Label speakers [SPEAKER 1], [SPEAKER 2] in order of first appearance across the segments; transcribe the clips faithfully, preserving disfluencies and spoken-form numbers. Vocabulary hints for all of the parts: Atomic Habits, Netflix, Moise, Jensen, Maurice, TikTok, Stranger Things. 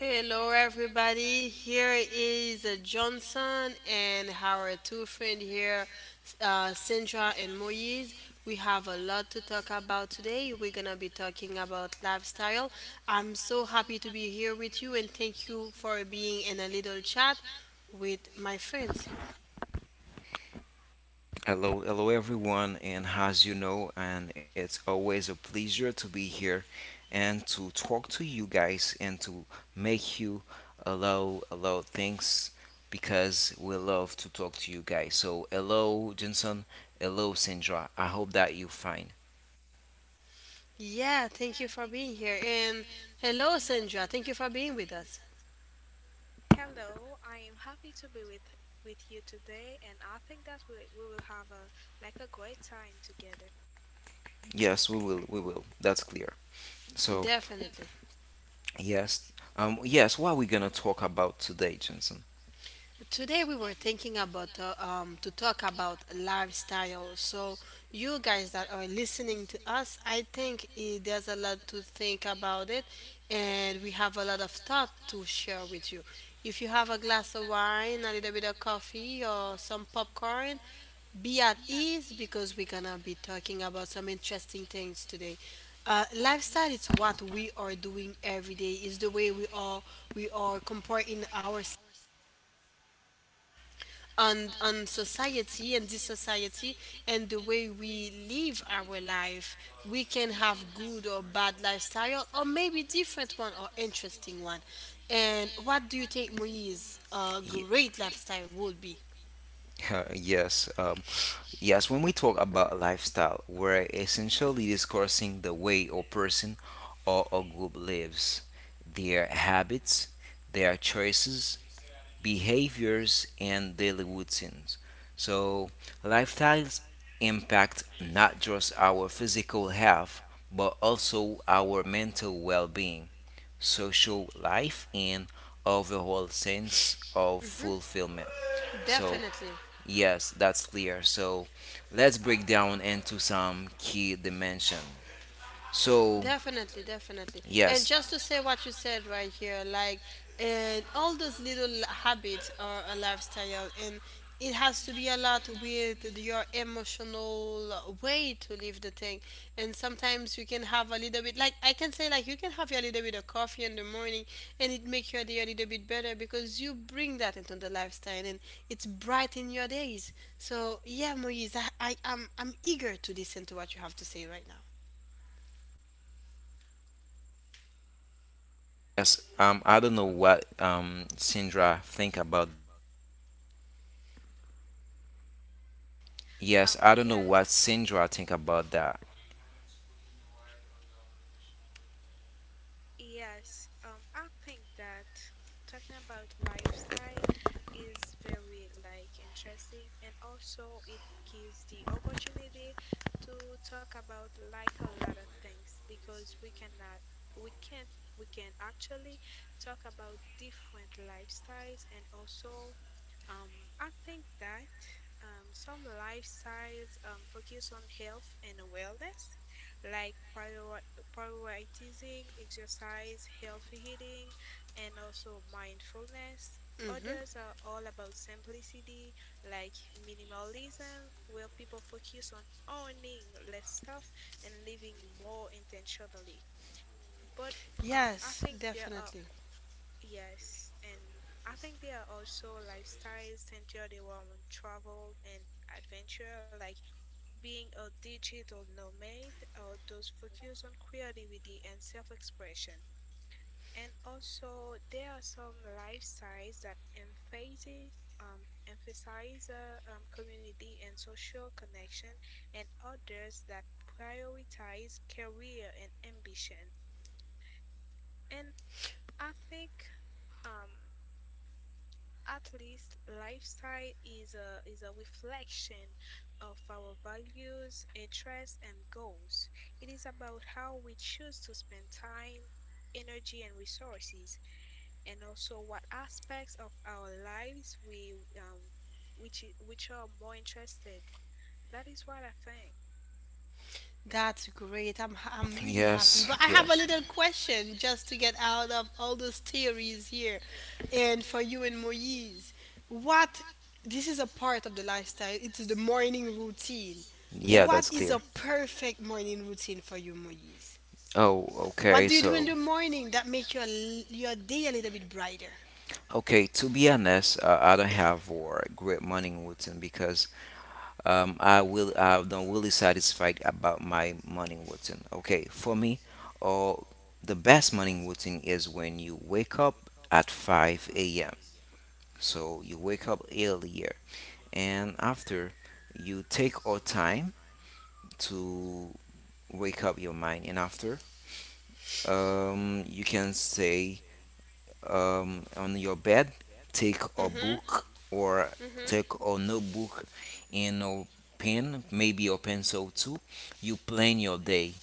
[SPEAKER 1] Hello, everybody. Here is uh, Johnson and our two friend here, uh, Sandra and Moise. We have a lot to talk about today. We're gonna be talking about lifestyle. I'm so happy to be here with you, and thank you for being in a little chat with my friends.
[SPEAKER 2] Hello, hello everyone, and as you know, and it's always a pleasure to be here and to talk to you guys and to make you allow allow things because we love to talk to you guys. So hello Jensen, hello Sandra. I hope that you fine.
[SPEAKER 1] Yeah, thank you for being here, and hello, Sandra. Thank you for being with us.
[SPEAKER 3] Hello, I am happy to be with with you today, and I think that we we will have a like a great time together.
[SPEAKER 2] Yes, we will, we will. That's clear. So
[SPEAKER 1] Definitely.
[SPEAKER 2] yes, um, yes. What are we gonna talk about today, Jensen?
[SPEAKER 1] Today we were thinking about uh, um to talk about lifestyle. So you guys that are listening to us, I think eh, there's a lot to think about it, and we have a lot of thought to share with you. If you have a glass of wine, a little bit of coffee, or some popcorn, be at ease because we're gonna be talking about some interesting things today. Uh, lifestyle is what we are doing every day. Is the way we are we are comparing ourselves on on society, and this society and the way we live our life, we can have good or bad lifestyle, or maybe different one or interesting one. And what do you think, Moise, a
[SPEAKER 2] Ye-
[SPEAKER 1] great lifestyle would be?
[SPEAKER 2] yes. Um, Yes, when we talk about lifestyle, we're essentially discussing the way a person or a group lives, their habits, their choices, behaviors, and daily routines. So, lifestyles impact not just our physical health, but also our mental well being, social life, and overall sense of fulfillment. So,
[SPEAKER 1] Definitely.
[SPEAKER 2] yes, that's clear. So let's break down into some key dimension. So
[SPEAKER 1] Definitely, definitely. And
[SPEAKER 2] yes,
[SPEAKER 1] just to say what you said right here, like, and all those little l- habits are a lifestyle, and it has to be a lot with your emotional way to live the thing. And sometimes you can have a little bit, like, I can say, like, you can have your little bit of coffee in the morning, and it make your day a little bit better because you bring that into the lifestyle, and it's bright in your days. So, yeah, Moise, I, I, I'm, I'm eager to listen to what you have to say right now.
[SPEAKER 2] yes. Um, I don't know what um Sindra think about that.
[SPEAKER 3] Um,
[SPEAKER 2] Yes, I don't know
[SPEAKER 3] yes,
[SPEAKER 2] what Sindra think about that.
[SPEAKER 3] Yes, um, I think that talking about lifestyle is very like interesting, and also it gives the opportunity to talk about like a lot of things because we cannot, we can't, we can actually talk about different lifestyles, and also, um, I think that um, some lifestyles um focus on health and wellness, like prior prioritizing exercise, healthy eating, and also mindfulness.
[SPEAKER 1] Hmm.
[SPEAKER 3] Others are all about simplicity, like minimalism, where people focus on owning less stuff and living more intentionally. But um,
[SPEAKER 1] Yes,
[SPEAKER 3] I think there are,
[SPEAKER 1] definitely.
[SPEAKER 3] yes, and I think there are also lifestyles centered around travel and adventure, like being a digital nomad or those focused on creativity and self-expression. And also, there are some lifestyles that emphasize um, emphasize uh, um, community and social connection, and others that prioritize career and ambition. And I think um, at least lifestyle is a is a reflection of our values, interests, and goals. It is about how we choose to spend time, energy, and resources, and also what aspects of our lives we um which which are more interested. That is what I think.
[SPEAKER 1] That's great. I'm ha- I'm really happy.
[SPEAKER 2] Yes,
[SPEAKER 1] But I have a
[SPEAKER 2] yes.
[SPEAKER 1] little question just to get out of all those theories here. And for you and Moise, what, this is a part of the lifestyle. It's the morning routine.
[SPEAKER 2] Yeah,
[SPEAKER 1] What
[SPEAKER 2] that's
[SPEAKER 1] is
[SPEAKER 2] clear.
[SPEAKER 1] a perfect morning routine for you, Moise?
[SPEAKER 2] Oh,
[SPEAKER 1] What
[SPEAKER 2] okay.
[SPEAKER 1] do you do in
[SPEAKER 2] So.
[SPEAKER 1] the morning that makes your l- your day a little bit brighter?
[SPEAKER 2] Okay, to be honest, uh, I don't have a great morning routine because um, I will I don't really satisfied about my morning routine. Okay, for me, uh, the best morning routine is when you wake up at five a m. So you wake up earlier, and after you take your time to wake up your mind, and after um, you can say um, on your bed, take a
[SPEAKER 1] Mhm.
[SPEAKER 2] book or take a notebook and a pen, maybe a pencil too. You plan your day.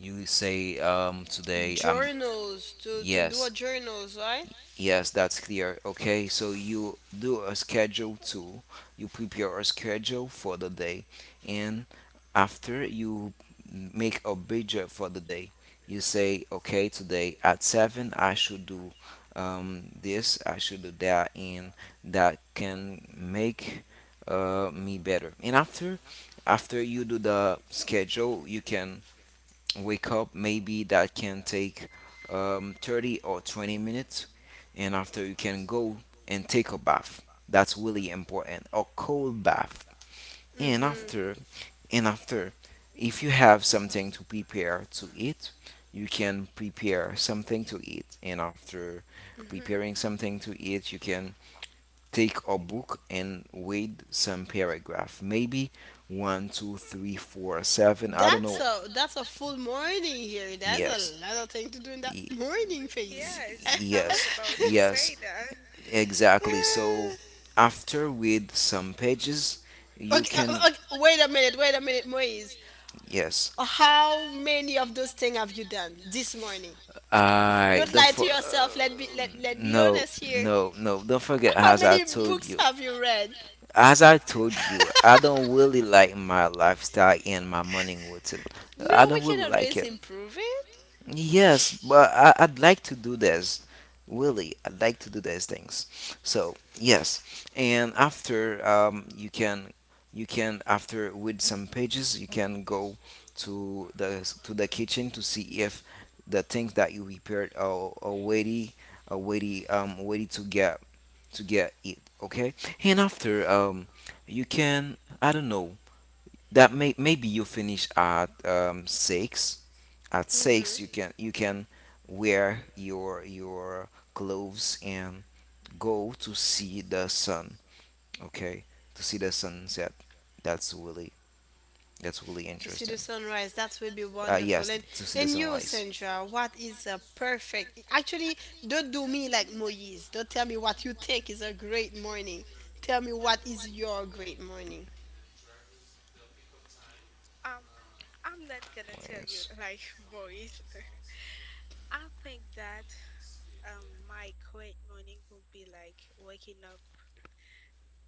[SPEAKER 2] You say um, today, um,
[SPEAKER 1] Journals, to to do a
[SPEAKER 2] yes,
[SPEAKER 1] journals, right?
[SPEAKER 2] yes, that's clear. Okay, so you do a schedule too. You prepare a schedule for the day, and after you make a budget for the day, you say, okay, today at seven I should do um, this, I should do that, and that can make uh, me better. And after after you do the schedule, you can wake up maybe that can take um, thirty or twenty minutes, and after you can go and take a bath. That's really important, a cold bath. And
[SPEAKER 1] Mhm.
[SPEAKER 2] after and after if you have something to prepare to eat, you can prepare something to eat, and after preparing something to eat, you can take a book and read some paragraph, maybe one two three four seven, I don't
[SPEAKER 1] That's
[SPEAKER 2] know.
[SPEAKER 1] a that's a full morning here. That's a
[SPEAKER 2] Yes.
[SPEAKER 1] lot of thing to do in that
[SPEAKER 2] Y-
[SPEAKER 1] morning phase.
[SPEAKER 3] Yes, I was
[SPEAKER 2] yes.
[SPEAKER 3] about to say
[SPEAKER 2] Yes.
[SPEAKER 3] that.
[SPEAKER 2] Exactly. So
[SPEAKER 1] Yeah.
[SPEAKER 2] after with some pages, you
[SPEAKER 1] Okay, uh,
[SPEAKER 2] can
[SPEAKER 1] uh, okay, wait a minute, wait a minute, Moise.
[SPEAKER 2] yes.
[SPEAKER 1] Uh, How many of those things have you done this morning?
[SPEAKER 2] I
[SPEAKER 1] Don't
[SPEAKER 2] the
[SPEAKER 1] lie
[SPEAKER 2] f-
[SPEAKER 1] to yourself. Let be
[SPEAKER 2] uh,
[SPEAKER 1] let let be
[SPEAKER 2] no,
[SPEAKER 1] honest here.
[SPEAKER 2] no, no, don't forget,
[SPEAKER 1] How
[SPEAKER 2] as I
[SPEAKER 1] many
[SPEAKER 2] told
[SPEAKER 1] books
[SPEAKER 2] you,
[SPEAKER 1] have you read?
[SPEAKER 2] as I told you I don't really like my lifestyle and my morning routine. I
[SPEAKER 1] No, we
[SPEAKER 2] don't
[SPEAKER 1] can
[SPEAKER 2] really like
[SPEAKER 1] always
[SPEAKER 2] it.
[SPEAKER 1] improve it.
[SPEAKER 2] Yes, but I, I'd like to do this. Really, I'd like to do these things. So yes, and after um, you can you can after with some pages you can go to the to the kitchen to see if the things that you prepared are, are ready, are ready um ready to get to get it. Okay, and after um you can, I don't know, that may maybe you finish at um six. At
[SPEAKER 1] Hmm.
[SPEAKER 2] six you can you can wear your your clothes and go to see the sun. Okay, to see the sunset, that's really that's really
[SPEAKER 1] To see the
[SPEAKER 2] interesting.
[SPEAKER 1] sunrise, that will be
[SPEAKER 2] uh,
[SPEAKER 1] wonderful.
[SPEAKER 2] yes,
[SPEAKER 1] and
[SPEAKER 2] to see the
[SPEAKER 1] and you,
[SPEAKER 2] sunrise.
[SPEAKER 1] Sandra, what is a perfect, actually, don't do me like Moise, don't tell me what you think is a great morning. Tell me what is your great morning.
[SPEAKER 3] um, I'm not gonna tell you like boys. I think that um my quiet morning would be like waking up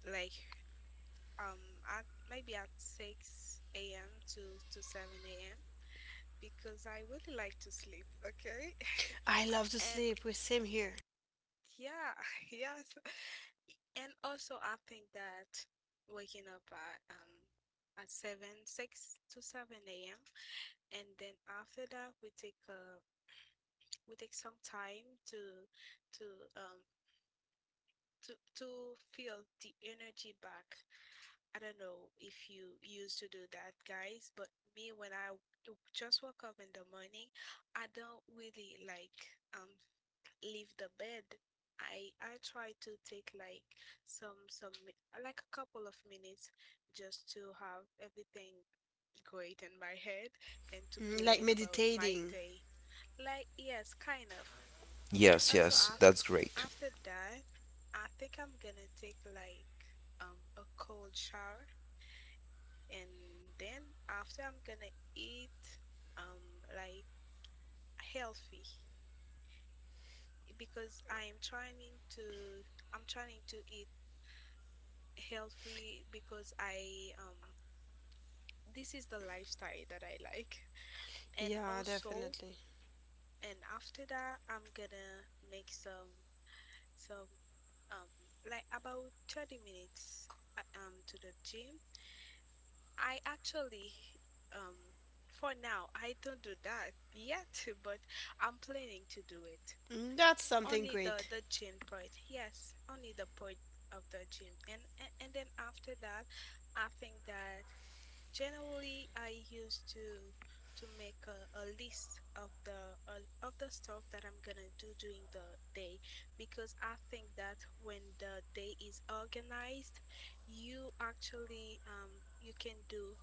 [SPEAKER 3] like um at maybe at six a m to to seven a m because I really like to sleep, okay?
[SPEAKER 1] I love to
[SPEAKER 3] And
[SPEAKER 1] sleep, we're same here.
[SPEAKER 3] yeah, yes. And also I think that waking up at um at 7 6 to seven a m and then after that we take uh we take some time to to um to to feel the energy back. I don't know if you used to do that, guys, but me when I just woke up in the morning, I don't really like um leave the bed. I I try to take like some some like a couple of minutes just to have everything great in my head and to
[SPEAKER 1] Mm, like
[SPEAKER 3] plan about my
[SPEAKER 1] meditating.
[SPEAKER 3] day. Like yes, kind of. And
[SPEAKER 2] Yes, yes,
[SPEAKER 3] also
[SPEAKER 2] yes, that's
[SPEAKER 3] after
[SPEAKER 2] great.
[SPEAKER 3] after that, I think I'm gonna take like um a cold shower and then after I'm gonna eat um like healthy because I am trying to I'm trying to eat healthy because I um this is the lifestyle that I like. And
[SPEAKER 1] Yeah,
[SPEAKER 3] also
[SPEAKER 1] definitely.
[SPEAKER 3] and after that I'm gonna make some some um like about thirty minutes uh, um to the gym. I actually, um, for now, I don't do that yet, but I'm planning to do it.
[SPEAKER 1] Mm, that's something
[SPEAKER 3] Only the
[SPEAKER 1] great.
[SPEAKER 3] the gym part, yes, only the part of the gym, and and, and then after that, I think that generally I used to to make a, a list of the uh, of the stuff that I'm gonna do during the day, because I think that when the day is organized, you actually um you can do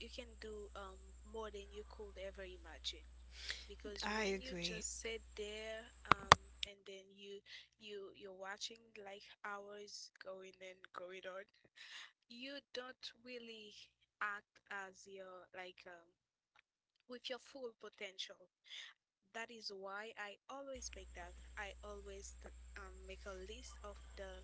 [SPEAKER 3] you can do um more than you could ever imagine. Because
[SPEAKER 1] I
[SPEAKER 3] when you
[SPEAKER 1] agree.
[SPEAKER 3] just sit there um and then you you you're watching like hours going and going on, you don't really act as your like um with your full potential. That is why I always make that i always um make a list of the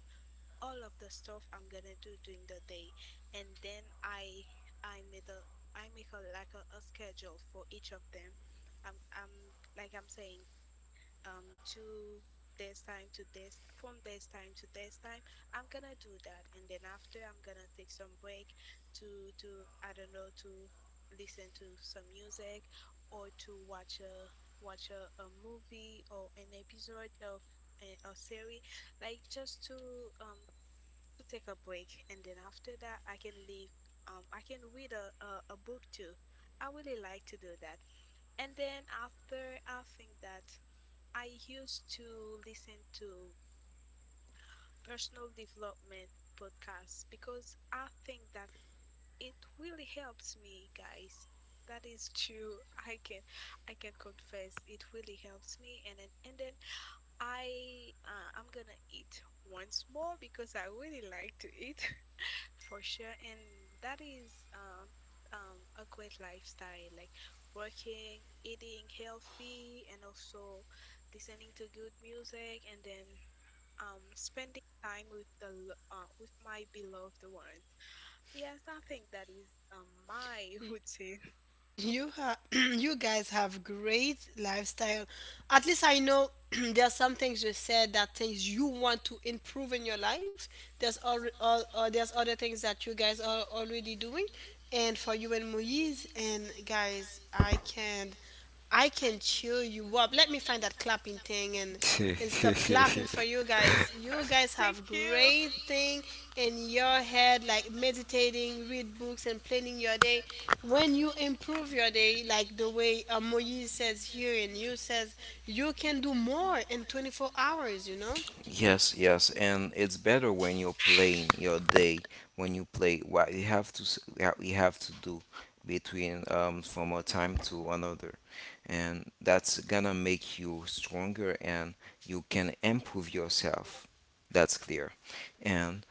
[SPEAKER 3] all of the stuff I'm gonna do during the day, and then I I made a I make a like a, a schedule for each of them. I'm I'm like I'm saying, um to this time to this from this time to this time I'm gonna do that, and then after I'm gonna take some break to to I don't know, to listen to some music or to watch a watch a, a movie or an episode of a, a series, like just to um to take a break. And then after that I can leave, um I can read a, a, a book too. I really like to do that. And then after, I think that I used to listen to personal development podcasts because I think that it really helps me, guys. That is true. I can I can confess it really helps me. And then and then I uh, I'm gonna eat once more because I really like to eat for sure, and that is um um a great lifestyle, like working, eating healthy, and also listening to good music, and then um spending time with the lo- uh, with my beloved ones. Yes, I think that is um my routine.
[SPEAKER 1] You have you guys have great lifestyle. At least I know, there are some things you said, that things you want to improve in your life. There's all, all uh, there's other things that you guys are already doing. And for you and Moise and guys, I can I can cheer you up. Let me find that clapping thing, and and stop clapping for you guys. You guys
[SPEAKER 3] Thank
[SPEAKER 1] have great
[SPEAKER 3] you.
[SPEAKER 1] thing in your head, like meditating, read books and planning your day. When you improve your day like the way uh, Moise says here and you says, you can do more in twenty-four hours, you know?
[SPEAKER 2] Yes, yes, and it's better when you're playing your day, when you play what you have to s- what you have to do between um from a time to another, and that's gonna make you stronger and you can improve yourself. That's clear. And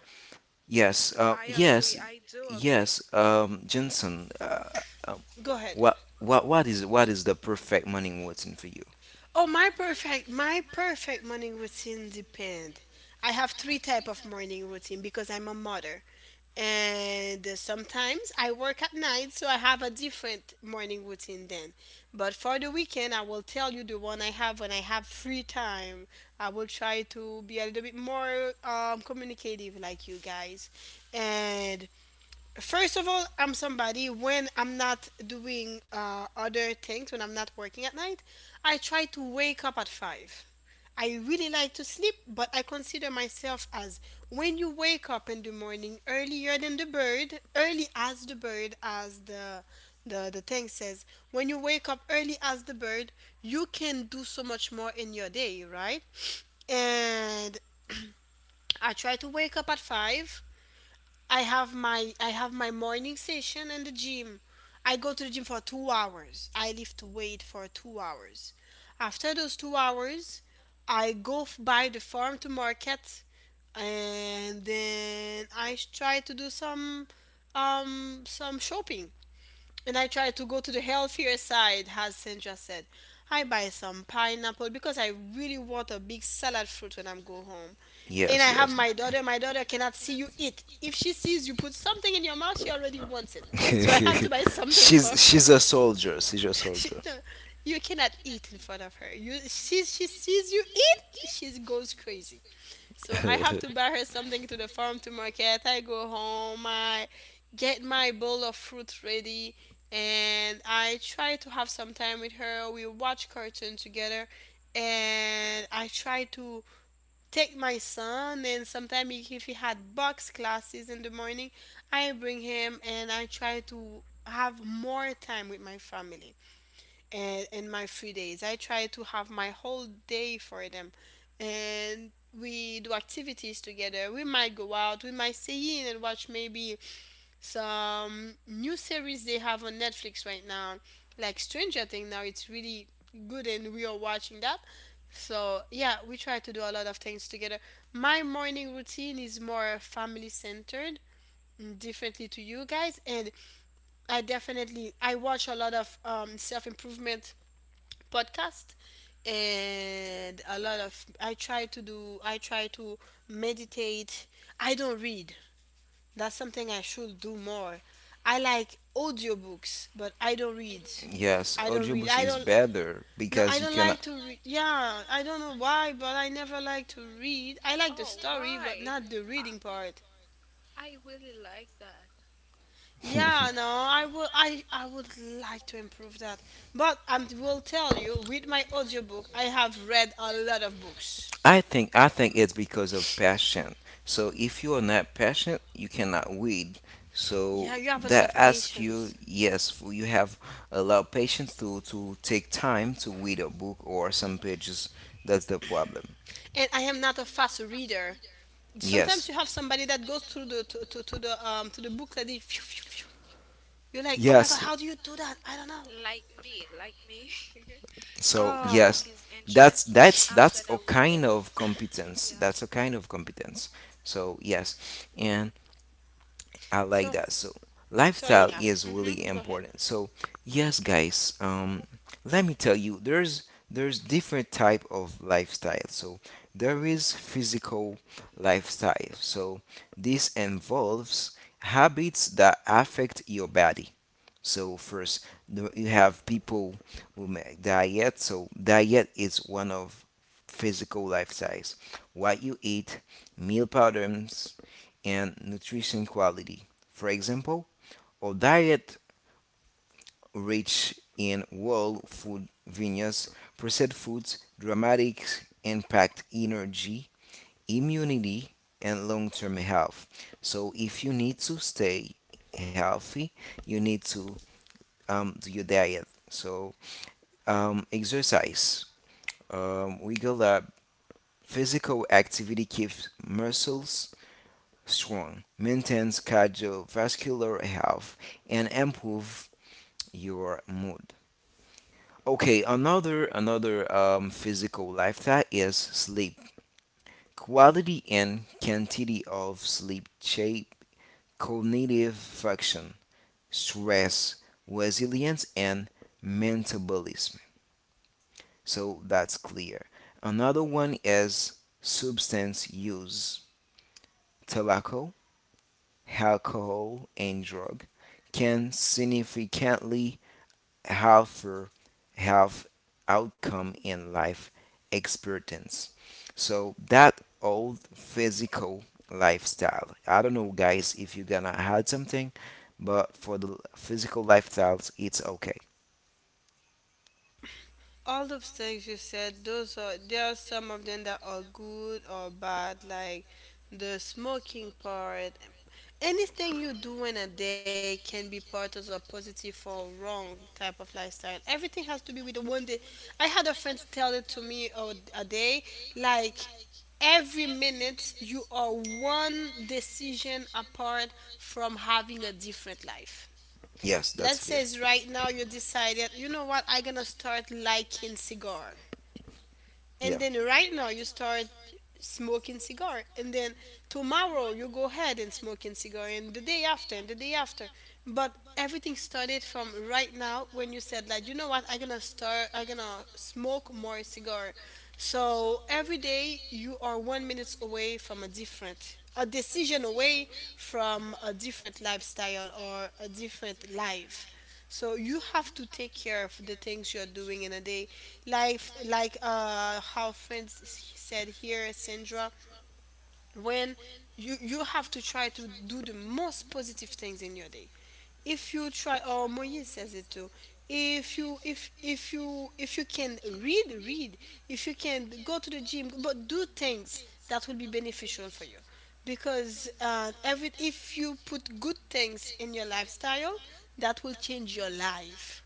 [SPEAKER 2] yes, uh,
[SPEAKER 3] I
[SPEAKER 2] yes,
[SPEAKER 3] agree. I do
[SPEAKER 2] yes,
[SPEAKER 3] agree.
[SPEAKER 2] um, Jensen, uh, um,
[SPEAKER 1] Go ahead.
[SPEAKER 2] what what what is what is the perfect morning routine for you?
[SPEAKER 1] Oh, my perfect my perfect morning routine depend. I have three type of morning routine because I'm a mother. And uh, sometimes I work at night, so I have a different morning routine then. But for the weekend, I will tell you the one I have when I have free time. I will try to be a little bit more um, communicative, like you guys. And first of all, I'm somebody when I'm not doing uh, other things, when I'm not working at night, I try to wake up at five. I really like to sleep, but I consider myself as, when you wake up in the morning earlier than the bird, early as the bird, as the the, the thing says, when you wake up early as the bird, you can do so much more in your day, right? And I try to wake up at five. I have my I have my morning session in the gym. I go to the gym for two hours. I lift weight for two hours. After those two hours, I go f- buy the farm to market, and then I sh- try to do some um some shopping. And I try to go to the healthier side, as Sandra said. I buy some pineapple because I really want a big salad fruit when I am go home. And I
[SPEAKER 2] Yes,
[SPEAKER 1] have
[SPEAKER 2] yes.
[SPEAKER 1] my daughter. My daughter cannot see you eat. If she sees you put something in your mouth, she already wants it. So I have to buy something for
[SPEAKER 2] She's
[SPEAKER 1] her.
[SPEAKER 2] she's a soldier. She's a
[SPEAKER 1] She,
[SPEAKER 2] soldier.
[SPEAKER 1] no, you cannot eat in front of her. You, she, she sees you eat, she goes crazy. So I have to buy her something to the farm to market. I go home. I get my bowl of fruit ready, and I try to have some time with her. We watch cartoon together, and I try to take my son, and sometimes if he had box classes in the morning, I bring him, and I try to have more time with my family. And in my free days, I try to have my whole day for them. And we do activities together, we might go out, we might stay in and watch maybe some new series they have on Netflix right now, like Stranger Things. Now it's really good and we are watching that. So, yeah, we try to do a lot of things together. My morning routine is more family centered, mm, differently to you guys. And I definitely I watch a lot of um, self-improvement podcast, and a lot of I try to do I try to meditate. I don't read. That's something I should do more. I like audiobooks, but I don't read.
[SPEAKER 2] Yes,
[SPEAKER 1] I don't read.
[SPEAKER 2] audiobooks
[SPEAKER 1] I
[SPEAKER 2] is
[SPEAKER 1] don't
[SPEAKER 2] better
[SPEAKER 1] No,
[SPEAKER 2] because
[SPEAKER 1] I
[SPEAKER 2] you
[SPEAKER 1] don't
[SPEAKER 2] can.
[SPEAKER 1] like to read. Yeah, I don't know why, but I never like to read. I like the
[SPEAKER 3] Oh,
[SPEAKER 1] story, but
[SPEAKER 3] why?
[SPEAKER 1] not the
[SPEAKER 3] Uh,
[SPEAKER 1] reading part.
[SPEAKER 3] I really like that.
[SPEAKER 1] Yeah, no, I will. I I would like to improve that, but I will tell you, with my audiobook, I have read a lot of books.
[SPEAKER 2] I think I think it's because of passion. So if you are not passionate, you cannot read.
[SPEAKER 1] Yeah,
[SPEAKER 2] So
[SPEAKER 1] you have a lot
[SPEAKER 2] that
[SPEAKER 1] of
[SPEAKER 2] asks you,
[SPEAKER 1] patience,
[SPEAKER 2] yes, you have allowed patients to to take time to read a book or some pages. That's the problem.
[SPEAKER 1] and I am not a fast reader. Sometimes
[SPEAKER 2] Yes,
[SPEAKER 1] you have somebody that goes through the to, to, to the um to the book like they phew, phew, phew. You're like, oh my god,
[SPEAKER 2] yes.
[SPEAKER 1] how do you do that? I don't know.
[SPEAKER 3] Like me, like me.
[SPEAKER 2] So
[SPEAKER 3] If the
[SPEAKER 2] yes,
[SPEAKER 1] Oh,
[SPEAKER 3] book is
[SPEAKER 2] that's
[SPEAKER 3] interesting,
[SPEAKER 2] that's
[SPEAKER 3] I'm
[SPEAKER 2] that's a
[SPEAKER 3] gonna read
[SPEAKER 2] kind
[SPEAKER 3] it.
[SPEAKER 2] of competence.
[SPEAKER 3] Yeah.
[SPEAKER 2] That's a kind of competence. So yes, and, I like
[SPEAKER 1] so
[SPEAKER 2] that. So
[SPEAKER 1] so
[SPEAKER 2] lifestyle
[SPEAKER 1] yeah.
[SPEAKER 2] is
[SPEAKER 1] Mm-hmm.
[SPEAKER 2] really
[SPEAKER 1] Go ahead.
[SPEAKER 2] important. So yes, guys, um, let me tell you, there's there's different type of lifestyle. So there is physical lifestyle. So this involves habits that affect your body. So first, the- you have people who make diet. So diet is one of physical lifestyles. What you eat, meal patterns, and nutrition quality. For example, a diet rich in whole food vineyards, processed foods, dramatic impact energy, immunity, and long-term health. So if you need to stay healthy, you need to um, do your diet. So um, exercise, um, we go that physical activity keeps muscles strong, maintains cardiovascular health, and improve your mood. Okay, another another um, physical lifestyle is sleep. Quality and quantity of sleep shape cognitive function, stress, resilience, and metabolism. So that's clear. Another one is substance use. Tobacco, alcohol, and drug can significantly alter health outcome and life expectancy. So that old physical lifestyle. I don't know, guys, if you're gonna add something, but for the physical lifestyles, it's okay.
[SPEAKER 1] All those things you said, those are, there are some of them that are good or bad, like the smoking part. Anything you do in a day can be part of a positive or wrong type of lifestyle. Everything has to be with the one day. I had a friend tell it to me, uh, a day, like, every minute you are one decision apart from having a different life.
[SPEAKER 2] Yes, that's
[SPEAKER 1] Let's say
[SPEAKER 2] clear.
[SPEAKER 1] it's right now you decided, you know what, I'm gonna start liking cigar, and
[SPEAKER 2] Yeah.
[SPEAKER 1] then right now you start smoking cigar, and then tomorrow you go ahead and smoking cigar, and the day after and the day after. But everything started from right now, when you said, like, you know what, i'm gonna start I'm gonna smoke more cigar. So every day you are one minute away from a different, a decision away from a different lifestyle or a different life. So you have to take care of the things you're doing in a day. Life, like uh how friends s- said here, Sandra, when you you have to try to do the most positive things in your day. If you try, or Moise says it too, if you if if you if you can read, read. If you can go to the gym, but do things that will be beneficial for you, because uh, every, if you put good things in your lifestyle, that will change your life.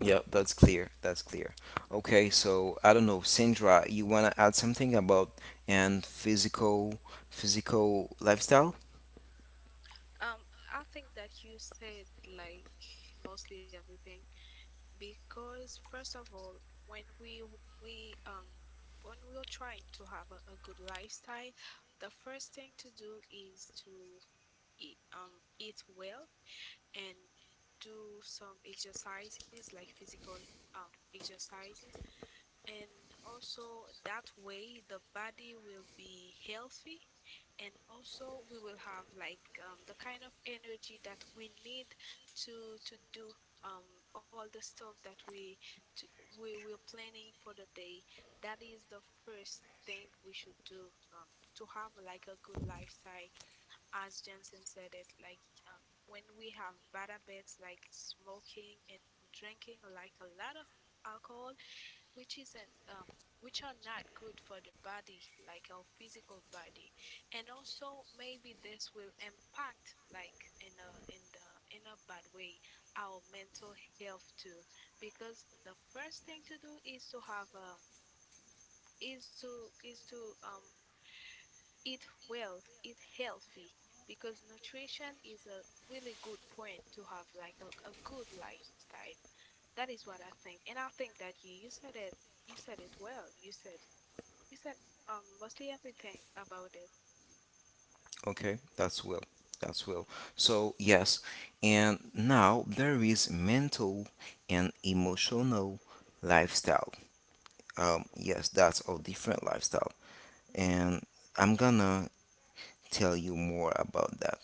[SPEAKER 2] Yep, that's clear. That's clear. Okay, so I don't know, Sandra, you wanna add something about and physical physical lifestyle?
[SPEAKER 3] Um, I think that you said like mostly everything, because first of all, when we w- we um when we are trying to have a, a good lifestyle, the first thing to do is to eat um eat well and do some exercises, like physical um exercises. And also, that way, the body will be healthy, and also we will have like um, the kind of energy that we need to to do, um, all the stuff that we to, we we're planning for the day. That is the first thing we should do, um, to have like a good lifestyle. As Jensen said it, like um, when we have bad habits like smoking and drinking, like a lot of alcohol, which isn't um which are not good for the body, like our physical body, and also maybe this will impact like in a in the in a bad way our mental health too. Because the first thing to do is to have um is to is to um eat well, eat healthy, because nutrition is a really good point to have like a, a good lifestyle. That is what I think, and I think that you you said it, you said it well, you said you said um mostly everything about it.
[SPEAKER 2] Okay, that's well. That's well. So yes, and now there is mental and emotional lifestyle. Um, yes, that's a different lifestyle, and I'm gonna tell you more about that.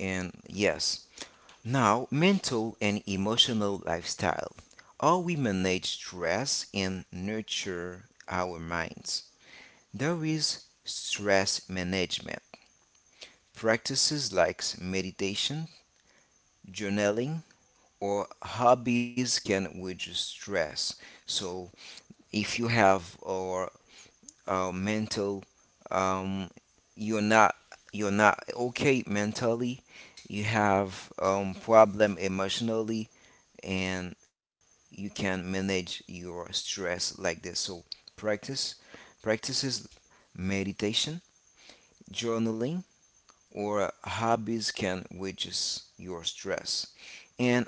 [SPEAKER 2] And yes, now, mental and emotional lifestyle. How we manage stress and nurture our minds. There is stress management. Practices like meditation, journaling, or hobbies can reduce stress. So, if you have or uh, mental, um, you're not you're not okay mentally, you have um, problem emotionally, and you can manage your stress like this. So practice practices, meditation, journaling, or hobbies can reduce your stress.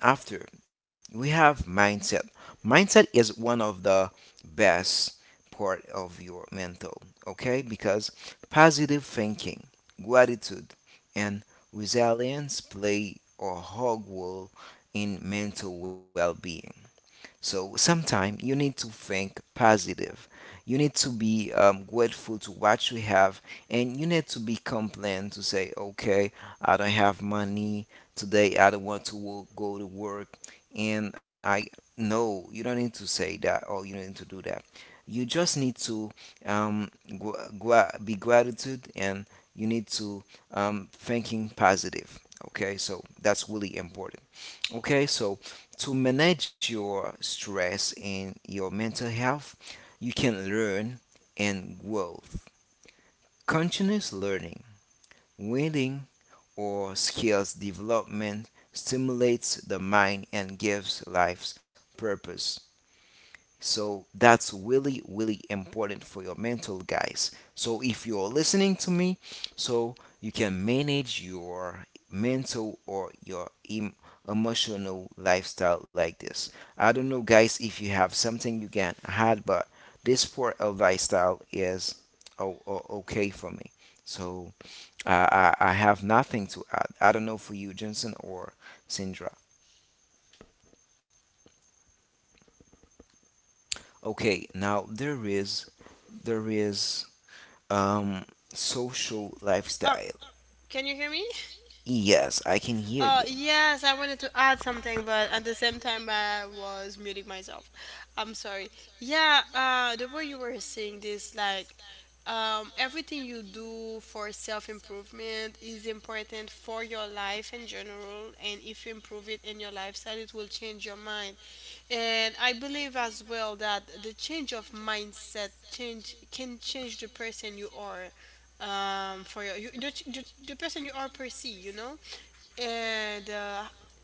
[SPEAKER 2] And after we have mindset. Mindset is one of the best part of your mental, okay? Because positive thinking, gratitude, and resilience play a whole role in mental well-being. So sometimes you need to think positive. You need to be um, grateful to what you have, and you need to be complain to say, okay, I don't have money today. I don't want to wo- go to work, and I no, you don't need to say that, or you don't need to do that. You just need to um, gra- gra- be gratitude, and you need to um, thinking positive. Okay, so that's really important. Okay, so to manage your stress and your mental health, you can learn and grow. Continuous learning, reading, or skills development stimulates the mind and gives life purpose. So that's really, really important for your mental, guys. So if you're listening to me, so you can manage your mental or your em- emotional lifestyle like this. I don't know, guys, if you have something you can add, but this part of lifestyle is o- o- okay for me. So I, I, I have nothing to add. I don't know for you, Jensen or Sindra. Okay, now there is there is Um, social
[SPEAKER 1] Oh,
[SPEAKER 2] lifestyle.
[SPEAKER 1] can you hear me?
[SPEAKER 2] Yes, I can hear
[SPEAKER 1] I Uh,
[SPEAKER 2] you.
[SPEAKER 1] get you. Yes, I wanted to add something, but at the same time, I was muting myself. I'm sorry. Yeah, uh, the way you were saying this, like, um, everything you do for self improvement is important for your life in general, and if you improve it in your lifestyle, it will change your mind. And I believe as well that the change of mindset change can change the person you are um for your, you the, the, the person you are per se, you know and uh,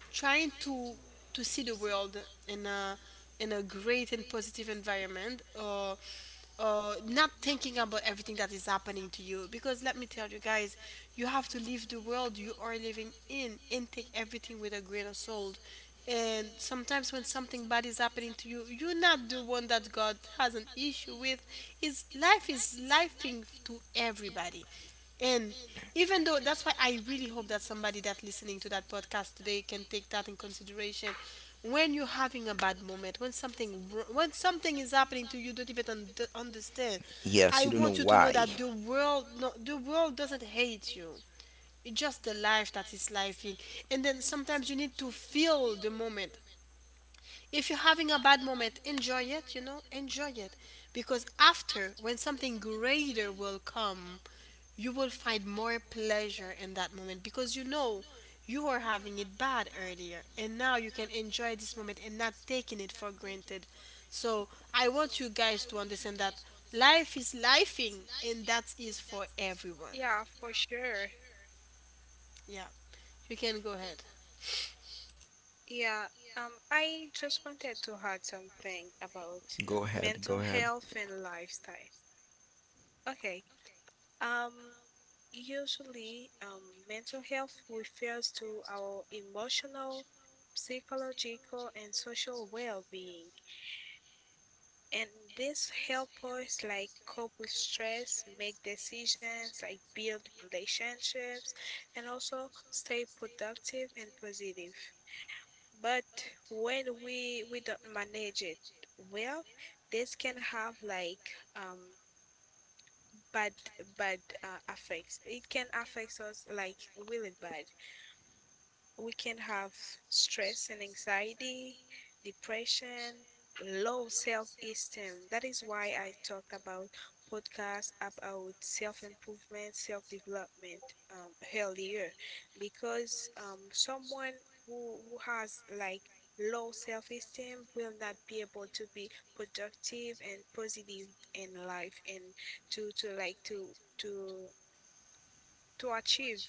[SPEAKER 1] trying to to see the world in a in a great and positive environment. Or uh, not thinking about everything that is happening to you, because let me tell you guys, you have to leave the world you are living in and take everything with a grain of salt. And sometimes when something bad is happening to you, you're not the one that God has an issue with. Is life is lifing to everybody. And even though, that's why I really hope that somebody that listening to that podcast today can take that in consideration. When you're having a bad moment, when something wr- when something is happening to you don't even un- understand.
[SPEAKER 2] Yes,
[SPEAKER 1] I
[SPEAKER 2] you don't know
[SPEAKER 1] want you to know
[SPEAKER 2] why.
[SPEAKER 1] that the world, no, the world doesn't hate you. It's just the life that is living. And then sometimes you need to feel the moment. If you're having a bad moment, enjoy it, you know, enjoy it. Because after, when something greater will come, you will find more pleasure in that moment because, you know, you were having it bad earlier and now you can enjoy this moment and not taking it for granted. So I want you guys to understand that life is lifing and that is for everyone.
[SPEAKER 3] Yeah, for sure.
[SPEAKER 1] Yeah, you can go ahead.
[SPEAKER 3] Yeah. Um, I just wanted to add something about
[SPEAKER 2] Go ahead,
[SPEAKER 3] mental
[SPEAKER 2] go ahead.
[SPEAKER 3] health and lifestyle. Okay. Um, Usually, um, mental health refers to our emotional, psychological, and social well-being. And this help us like cope with stress, make decisions, like build relationships, and also stay productive and positive. But when we we don't manage it well, this can have like um bad bad uh, effects. It can affect us like really bad. We can have stress and anxiety, depression, low self-esteem. That is why I talk about podcasts about self-improvement, self-development, um, earlier, because um, someone who, who has like low self-esteem will not be able to be productive and positive in life, and to to like to to to achieve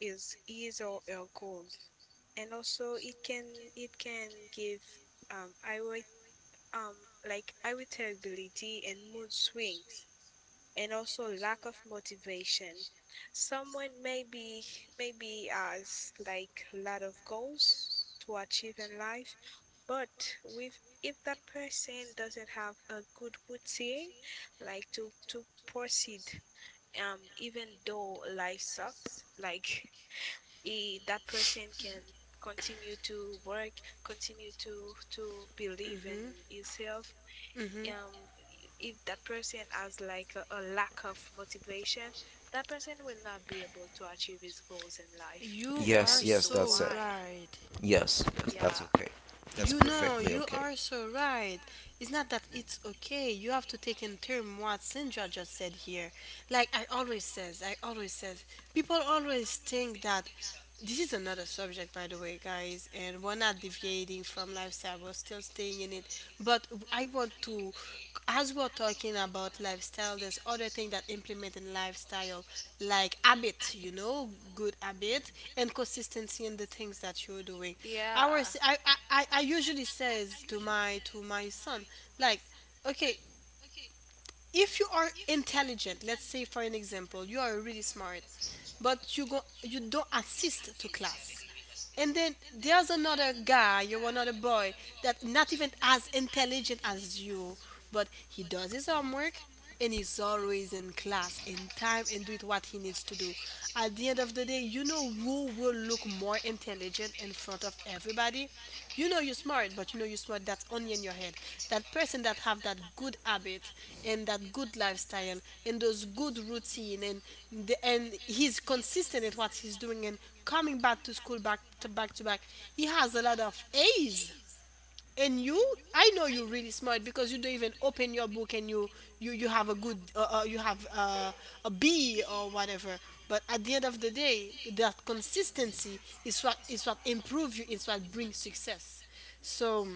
[SPEAKER 3] is is or your goals. And also it can, it can give, um I would, um like irritability and mood swings, and also lack of motivation. Someone maybe, maybe has like a lot of goals to achieve in life, but with if that person doesn't have a good routine, like to to proceed, um even though life sucks, like he, that person can continue to work, continue to to believe in himself.
[SPEAKER 1] Hmm.
[SPEAKER 3] um if that person has like a, a lack of motivation, that person will not be able to achieve his goals in life,
[SPEAKER 1] You
[SPEAKER 3] that
[SPEAKER 1] are
[SPEAKER 2] Yes,
[SPEAKER 3] is
[SPEAKER 2] yes,
[SPEAKER 1] so
[SPEAKER 2] that's it.
[SPEAKER 3] why.
[SPEAKER 1] right.
[SPEAKER 2] Yes, yes, that's
[SPEAKER 3] Yeah.
[SPEAKER 2] okay. That's
[SPEAKER 1] You know,
[SPEAKER 2] perfectly
[SPEAKER 1] you
[SPEAKER 2] okay.
[SPEAKER 1] are so right. It's not that it's okay. You have to take in term what Sandra just said here. Like I always says, I always says, people always think that, this is another subject, by the way, guys, and we're not deviating from lifestyle. We're still staying in it. But I want to, as we're talking about lifestyle, there's other thing that implement in lifestyle, like habit, you know, good habit and consistency in the things that you're doing. Our, I,
[SPEAKER 3] Yeah,
[SPEAKER 1] I, I I usually says to my to my son, like, okay, if you are intelligent, let's say for an example, you are really smart, but you go you don't assist to class. And then there's another guy, you another boy, that not even as intelligent as you, but he does his homework and he's always in class in time and doing what he needs to do. At the end of the day, you know who will look more intelligent in front of everybody. You know you're smart, but you know you're smart, that's only in your head. That person that have that good habit and that good lifestyle and those good routine and the- and he's consistent at what he's doing and coming back to school back to back to back He has a lot of A's. And you, I know you're really smart because you don't even open your book, and you you you have a good uh, uh, you have uh, a B or whatever. But at the end of the day, that consistency is what is what improves you, is what brings success. So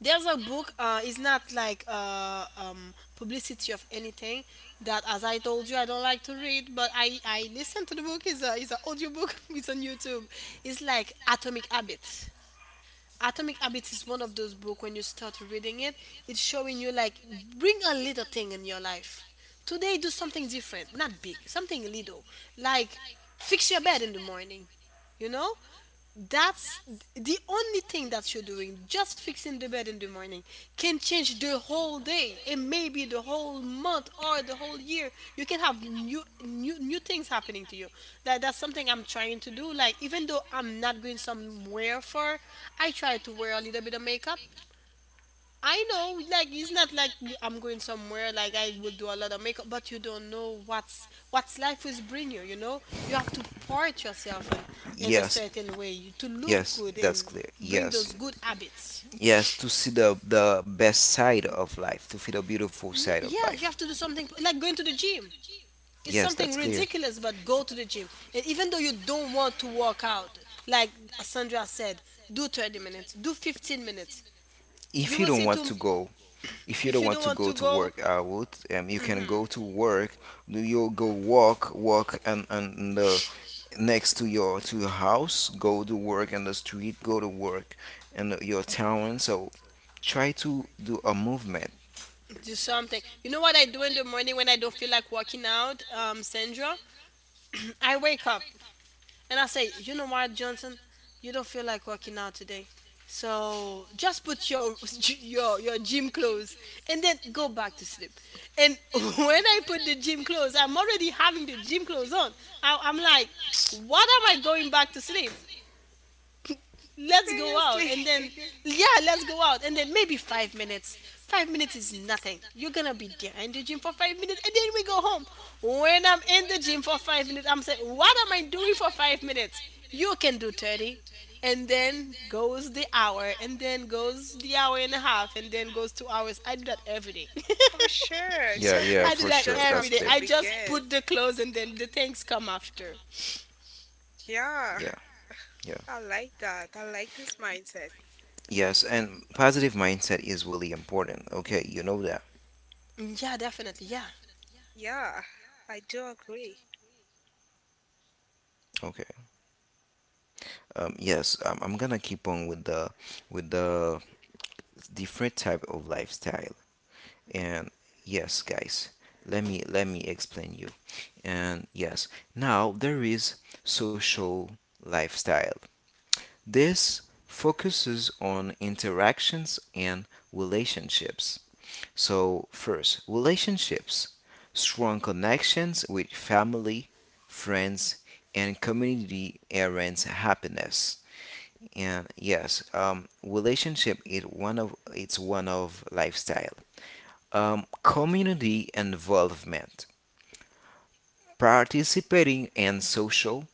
[SPEAKER 1] there's a book. Uh, it's not like uh, um, publicity of anything. That, as I told you, I don't like to read, but I I listen to the book. It's a it's an audiobook. It's on YouTube. It's like Atomic Habits. Atomic Habits is one of those books. When you start reading it, it's showing you like, bring a little thing in your life. Today, do something different, not big, something little, like fix your bed in the morning. You know, that's the only thing that you're doing, just fixing the bed in the morning, can change the whole day and maybe the whole month or the whole year. You can have new new new things happening to you. That that's something I'm trying to do, like even though I'm not going somewhere for, I try to wear a little bit of makeup. I know, like it's not like you- I'm going somewhere. Like I will do a lot of makeup, but you don't know what's what's life is bring you. You know, you have to part yourself in in a
[SPEAKER 2] Yes,
[SPEAKER 1] certain way you- to look
[SPEAKER 2] yes,
[SPEAKER 1] good
[SPEAKER 2] that's
[SPEAKER 1] and
[SPEAKER 2] clear.
[SPEAKER 1] bring
[SPEAKER 2] Yes,
[SPEAKER 1] those good habits.
[SPEAKER 2] yes, to see the the best side of life, to see the beautiful
[SPEAKER 1] No,
[SPEAKER 2] side of
[SPEAKER 1] yeah, you
[SPEAKER 2] life.
[SPEAKER 1] have to do something like going to the gym. It's
[SPEAKER 2] Yes,
[SPEAKER 1] something
[SPEAKER 2] that's clear.
[SPEAKER 1] ridiculous, but go to the gym. And even though you don't want to work out, like Sandra said, do thirty minutes, do fifteen minutes.
[SPEAKER 2] If
[SPEAKER 1] You
[SPEAKER 2] you
[SPEAKER 1] will
[SPEAKER 2] don't
[SPEAKER 1] see
[SPEAKER 2] want
[SPEAKER 1] too.
[SPEAKER 2] to go, if you
[SPEAKER 1] If
[SPEAKER 2] don't
[SPEAKER 1] you
[SPEAKER 2] want
[SPEAKER 1] don't
[SPEAKER 2] to
[SPEAKER 1] want
[SPEAKER 2] go
[SPEAKER 1] to
[SPEAKER 2] to
[SPEAKER 1] go,
[SPEAKER 2] work, I would. Um, you can
[SPEAKER 1] hmm,
[SPEAKER 2] go to work. Do you go walk, walk, and and the next to your to your house, go to work in the street, go to work in the- your town. So try to do a movement.
[SPEAKER 1] do something. You know what I do in the morning when I don't feel like working out, um, Sandra? I wake up and I say, you know what, Johnson, you don't feel like working out today. So just put your your your gym clothes and then go back to sleep. And when I put the gym clothes, I'm already having the gym clothes on. I, I'm like, what am I going back to sleep? Let's go out. And then
[SPEAKER 3] seriously,
[SPEAKER 1] yeah, let's go out. And then maybe five minutes. Five minutes is nothing. You're gonna be there in the gym for five minutes and then we go home. When I'm in the gym for five minutes, I'm saying, what am I doing for five minutes? You can do thirty. And then goes the hour, and then goes the hour and a half, and then goes two hours. I do that every day.
[SPEAKER 3] for sure.
[SPEAKER 2] Yeah, yeah,
[SPEAKER 1] I
[SPEAKER 3] Sometimes
[SPEAKER 1] do
[SPEAKER 2] for
[SPEAKER 3] you
[SPEAKER 1] that
[SPEAKER 2] sure.
[SPEAKER 3] just
[SPEAKER 2] That's
[SPEAKER 1] every
[SPEAKER 3] have
[SPEAKER 1] day.
[SPEAKER 3] to
[SPEAKER 2] clear.
[SPEAKER 1] I just
[SPEAKER 3] begin.
[SPEAKER 1] put the clothes and then the things come after.
[SPEAKER 3] Yeah,
[SPEAKER 2] Yeah, yeah.
[SPEAKER 3] I like that. I like this mindset.
[SPEAKER 2] Yes, and positive mindset is really important. Okay, you know that.
[SPEAKER 1] Yeah, definitely, yeah.
[SPEAKER 3] Yeah, I do agree.
[SPEAKER 2] Okay. Um, yes, um, I'm gonna keep on with the with the different type of lifestyle. And yes, guys, let me let me explain you. And yes, now there is social lifestyle. This focuses on interactions and relationships. So, first, relationships, strong connections with family, friends, and community enhance happiness. And yes, um, relationship is one of it's one of lifestyle. Um, community involvement, participating in social,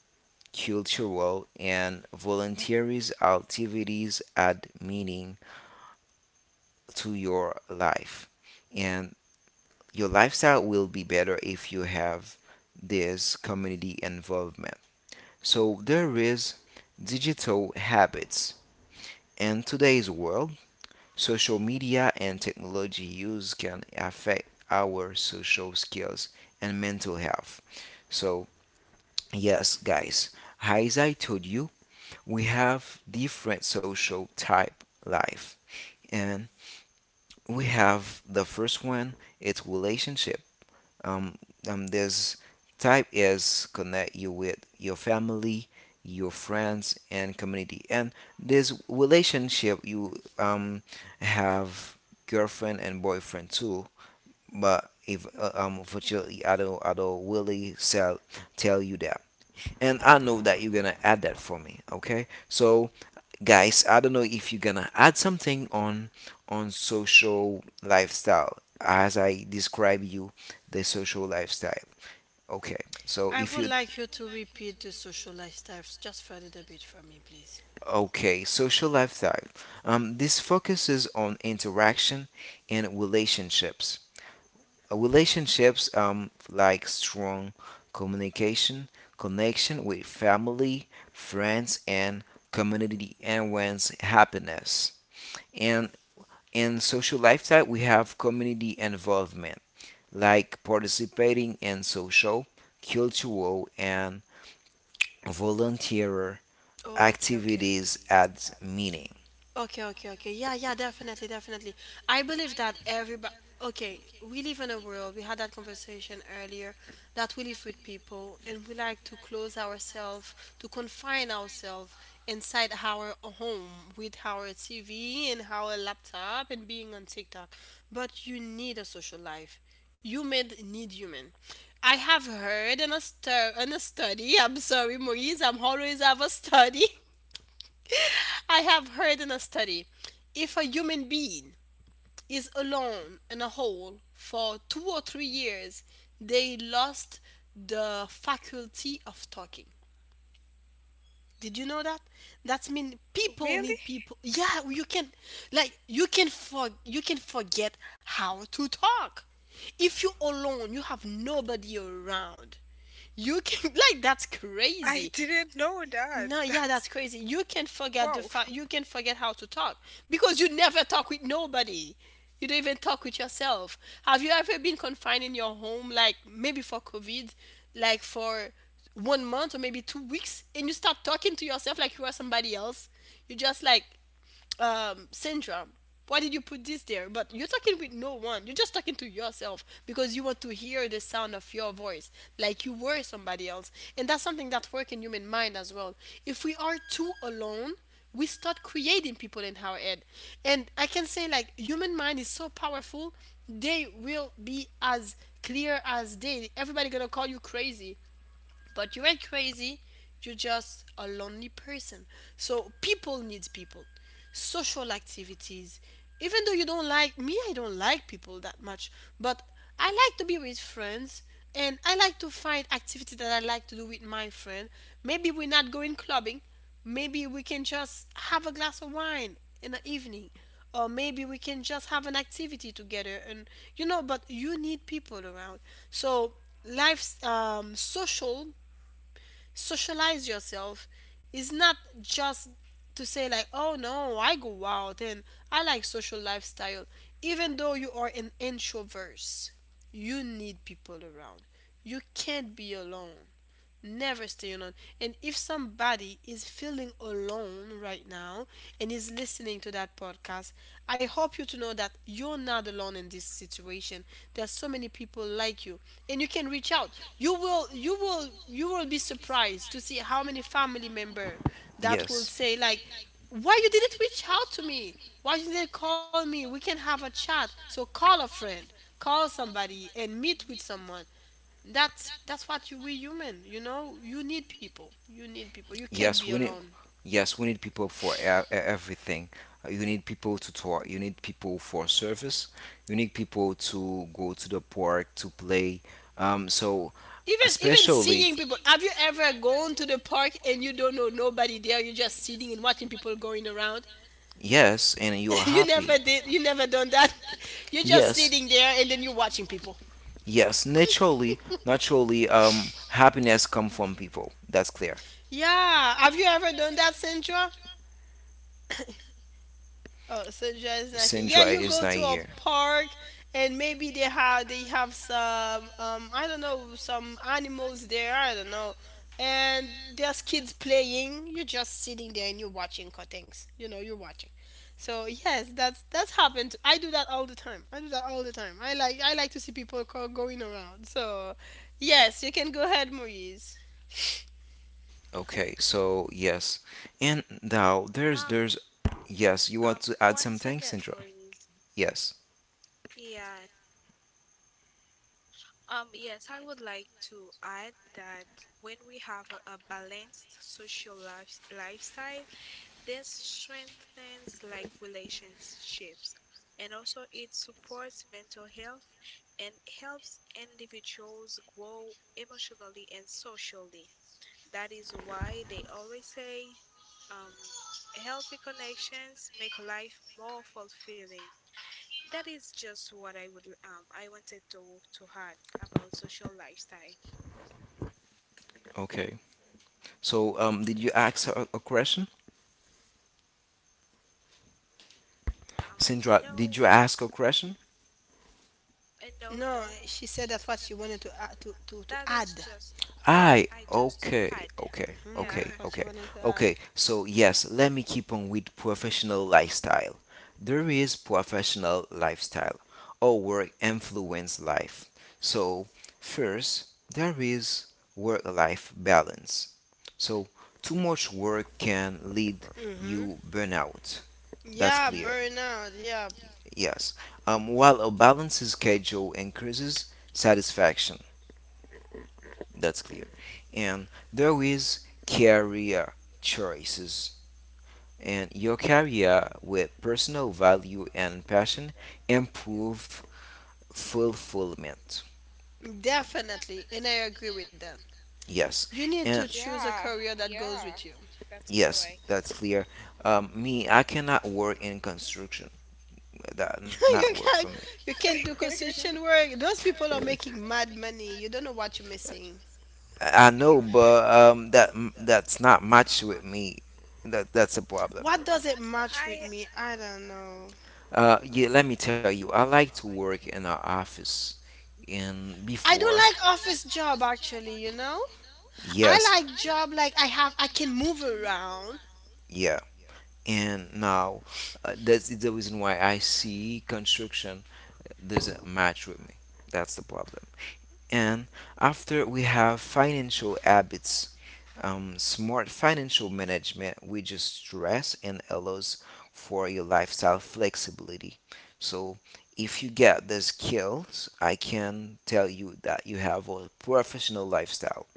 [SPEAKER 2] cultural, and volunteers activities add meaning to your life, and your lifestyle will be better if you have this community involvement. So there is digital habits. In today's world, social media and technology use can affect our social skills and mental health. So, yes, guys, as I told you, we have different social type life, and we have the first one, it's relationship. um, um this type is connect you with your family, your friends, and community, and this relationship you um have girlfriend and boyfriend too. But if uh, um unfortunately i don't I don't really sell tell you that, and I know that you're gonna add that for me. Okay, so guys, I don't know if you're gonna add something on on social lifestyle as I describe you the social lifestyle. Okay, so
[SPEAKER 1] I
[SPEAKER 2] if
[SPEAKER 1] would
[SPEAKER 2] you
[SPEAKER 1] like you to repeat the social lifestyles just for a little bit for me, please.
[SPEAKER 2] okay social lifestyle, um, this focuses on interaction and relationships. Uh, relationships, um like strong communication, connection with family, friends and community enhance happiness. And in social lifestyle we have community involvement, like participating in social, cultural and volunteer
[SPEAKER 1] Okay, okay.
[SPEAKER 2] activities at meeting.
[SPEAKER 1] Okay, okay, okay. Yeah, yeah, definitely, definitely. I believe that everybody, okay, we live in a world, we had that conversation earlier, that we live with people and we like to close ourselves, to confine ourselves inside our home with our T V and our laptop and being on TikTok. But you need a social life. Human need human. I have heard in a, stu- in a study, I'm sorry, Maurice, I'm always have a study. I have heard in a study, if a human being is alone in a hole for two or three years, they lost the faculty of talking. Did you know that? That's mean people
[SPEAKER 3] Really?
[SPEAKER 1] need people. Yeah, you can, like you can for you can forget how to talk. If you're alone, you have nobody around. You can like that's
[SPEAKER 3] I
[SPEAKER 1] crazy.
[SPEAKER 3] didn't know that.
[SPEAKER 1] No, yeah, that's
[SPEAKER 3] That's
[SPEAKER 1] crazy. You can forget the
[SPEAKER 3] wow.
[SPEAKER 1] fact, you can forget how to talk because you never talk with nobody. You don't even talk with yourself. Have you ever been confined in your home, like maybe for COVID, like for one month or maybe two weeks, and you start talking to yourself like you are somebody else? You just like, um, syndrome. Why did you put this there? But you're talking with no one. You're just talking to yourself because you want to hear the sound of your voice, like you were somebody else. And that's something that works in human mind as well. If we are too alone, we start creating people in our head. And I can say, like human mind is so powerful, they will be as clear as day. Everybody gonna call you crazy, but you ain't crazy. You're just a lonely person. So people need people. Social activities. Even though you don't like me, I don't like people that much. But I like to be with friends and I like to find activity that I like to do with my friend. Maybe we're not going clubbing. Maybe we can just have a glass of wine in the evening. Or maybe we can just have an activity together and, you know, but you need people around. So life's um, social socialize yourself. It's not just to say like, oh no, I go out and I like social lifestyle. Even though you are an introvert, you need people around. You can't be alone. Never stay alone. And if somebody is feeling alone right now and is listening to that podcast, I hope you to know that you're not alone in this situation. There are so many people like you, and you can reach out. You will, you will, you will be surprised to see how many family member that will
[SPEAKER 2] Yes.
[SPEAKER 1] say like, "Why you didn't reach out to me? Why you didn't call me? We can have a chat." So call a friend, call somebody and meet with someone. That's that's what you, we human, you know, you need people, you need people you can't
[SPEAKER 2] Yes,
[SPEAKER 1] be
[SPEAKER 2] we need,
[SPEAKER 1] alone.
[SPEAKER 2] yes, we need people for e- e- everything. Uh, You need people to talk. You need people for service. You need people to go to the park to play. Um, so
[SPEAKER 1] Even even
[SPEAKER 2] especially,
[SPEAKER 1] seeing people, have you ever gone to the park and you don't know nobody there, you're just sitting and watching people going around?
[SPEAKER 2] yes, and you are
[SPEAKER 1] You
[SPEAKER 2] happy.
[SPEAKER 1] never did, you never done that? You're just
[SPEAKER 2] Yes.
[SPEAKER 1] sitting there and then you're watching people.
[SPEAKER 2] Yes, naturally, naturally, um, happiness come from people. That's clear.
[SPEAKER 1] Yeah, have you ever done that, Sandra? Oh, so just not here. Yeah,
[SPEAKER 2] Sandra
[SPEAKER 1] you
[SPEAKER 2] is
[SPEAKER 1] go
[SPEAKER 2] not
[SPEAKER 1] to a
[SPEAKER 2] here.
[SPEAKER 1] park and maybe they have they have some um I don't know, some animals there. I don't know, and there's kids playing. You're just sitting there and you're watching cuttings. You know, you're watching. So yes, that's that's happened. I do that all the time. I do that all the time. I like I like to see people go, going around. So yes, you can go ahead, Moise.
[SPEAKER 2] Okay, so yes. And now there's
[SPEAKER 3] Um,
[SPEAKER 2] there's yes, you
[SPEAKER 3] um,
[SPEAKER 2] want to add
[SPEAKER 3] One
[SPEAKER 2] something,
[SPEAKER 3] second,
[SPEAKER 2] Sandra?
[SPEAKER 3] Moise.
[SPEAKER 2] Yes.
[SPEAKER 3] Yeah. Um, yes, I would like to add that when we have a, a balanced social life, lifestyle, this strengthens like relationships, and also it supports mental health and helps individuals grow emotionally and socially. That is why they always say, um, healthy connections make life more fulfilling. That is just what I would um I wanted to to add about social lifestyle.
[SPEAKER 2] Okay. So um did you ask a, a question?
[SPEAKER 3] Um
[SPEAKER 2] Sandra,
[SPEAKER 3] no,
[SPEAKER 2] did you ask a question?
[SPEAKER 3] and no,
[SPEAKER 1] No,
[SPEAKER 3] no,
[SPEAKER 1] she said that's what she wanted to add, to to to
[SPEAKER 3] that is
[SPEAKER 1] add.
[SPEAKER 3] just, yes,
[SPEAKER 2] I
[SPEAKER 3] I just to
[SPEAKER 2] okay,
[SPEAKER 3] add.
[SPEAKER 2] okay,
[SPEAKER 1] Hmm,
[SPEAKER 3] Yeah.
[SPEAKER 2] okay,
[SPEAKER 1] that's what she
[SPEAKER 2] okay,
[SPEAKER 1] wanted to add.
[SPEAKER 2] okay. So yes, let me keep on with professional lifestyle. There is professional lifestyle or work influence life. So first, there is work-life balance. So too much work can lead
[SPEAKER 1] Hmm.
[SPEAKER 2] you burnout. That's
[SPEAKER 1] Yeah,
[SPEAKER 2] clear.
[SPEAKER 1] burnout. Yeah,
[SPEAKER 2] Yes. Um, while a balanced schedule increases satisfaction. That's clear. And there is career choices, and your career with personal value and passion improve fulfillment.
[SPEAKER 1] definitely. And I agree with that.
[SPEAKER 2] Yes,
[SPEAKER 1] You need to
[SPEAKER 2] and
[SPEAKER 1] choose a
[SPEAKER 3] Yeah,
[SPEAKER 1] career that goes
[SPEAKER 3] yeah,
[SPEAKER 1] with you.
[SPEAKER 3] that's
[SPEAKER 2] yes,
[SPEAKER 3] correct.
[SPEAKER 2] that's clear. Um, me, I cannot work in construction. That not work
[SPEAKER 1] You
[SPEAKER 2] for me.
[SPEAKER 1] can't, you can't do construction work. Those people are making mad money. You don't know what you're missing.
[SPEAKER 2] I I know, but um, that that's not much with me. That that's a problem.
[SPEAKER 1] What does it match with
[SPEAKER 3] I
[SPEAKER 1] me? I don't know.
[SPEAKER 2] Uh, yeah, let me tell you, I like to work in an office. And
[SPEAKER 1] I don't
[SPEAKER 2] before,
[SPEAKER 1] like office job actually, you know? I
[SPEAKER 2] yes,
[SPEAKER 1] like job like I have, I can move around.
[SPEAKER 2] yeah, and now uh, that's the reason why I see construction doesn't match with me, that's the problem. And after we have financial habits, um, smart financial management we just stress and allows for your lifestyle flexibility. So if you get the skills I can tell you that you have a professional lifestyle.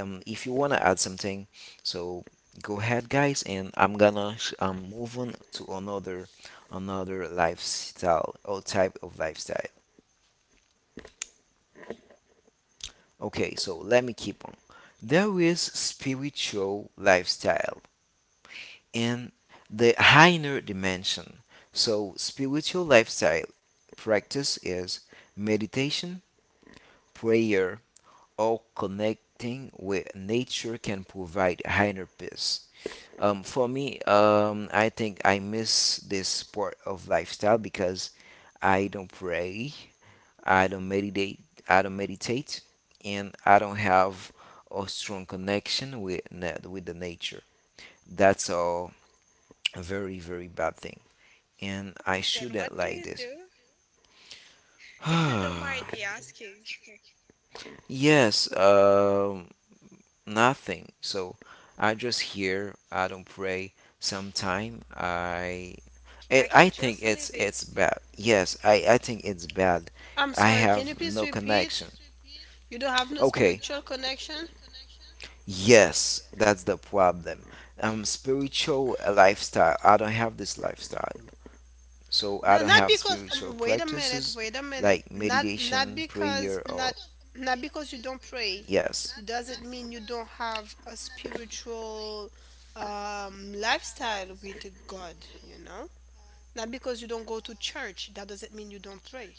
[SPEAKER 2] Um, if you wanna add something, so go ahead, guys, and I'm gonna sh- um move on to another another lifestyle or type of lifestyle. Okay, so let me keep on. There is spiritual lifestyle in the higher dimension. So spiritual lifestyle practice is meditation, prayer, or connecting with nature can provide higher peace. Um, for me, um, I think I miss this part of lifestyle because I don't pray, I don't meditate, I don't meditate, and I don't have a strong connection with na- with the nature. That's all a very very bad thing, and I
[SPEAKER 3] Then
[SPEAKER 2] shouldn't
[SPEAKER 3] what do
[SPEAKER 2] like
[SPEAKER 3] you
[SPEAKER 2] this.
[SPEAKER 3] do if you don't mind me asking?
[SPEAKER 2] Yes, um, nothing. So I just hear. I don't pray. Sometime I, it,
[SPEAKER 3] Like
[SPEAKER 2] I
[SPEAKER 3] you're
[SPEAKER 2] think
[SPEAKER 3] just
[SPEAKER 2] it's
[SPEAKER 3] living.
[SPEAKER 2] it's bad. Yes, I I think it's bad.
[SPEAKER 1] I'm
[SPEAKER 2] I
[SPEAKER 1] sorry, can you
[SPEAKER 2] have
[SPEAKER 1] please
[SPEAKER 2] no
[SPEAKER 1] repeat?
[SPEAKER 2] connection.
[SPEAKER 1] You don't have no
[SPEAKER 2] Okay.
[SPEAKER 1] spiritual connection?
[SPEAKER 2] Yes, that's the problem. Um, spiritual uh, lifestyle. I don't have this lifestyle, so
[SPEAKER 1] No,
[SPEAKER 2] I don't
[SPEAKER 1] not
[SPEAKER 2] have
[SPEAKER 1] because. Um,
[SPEAKER 2] spiritual
[SPEAKER 1] wait a minute.
[SPEAKER 2] practices
[SPEAKER 1] Wait a minute.
[SPEAKER 2] like
[SPEAKER 1] Not not
[SPEAKER 2] meditation,
[SPEAKER 1] because
[SPEAKER 2] prayer,
[SPEAKER 1] not,
[SPEAKER 2] or
[SPEAKER 1] not because you don't pray
[SPEAKER 2] yes.
[SPEAKER 1] doesn't mean you don't have a spiritual um, lifestyle with God. You know, not because you don't go to church that doesn't mean you don't pray.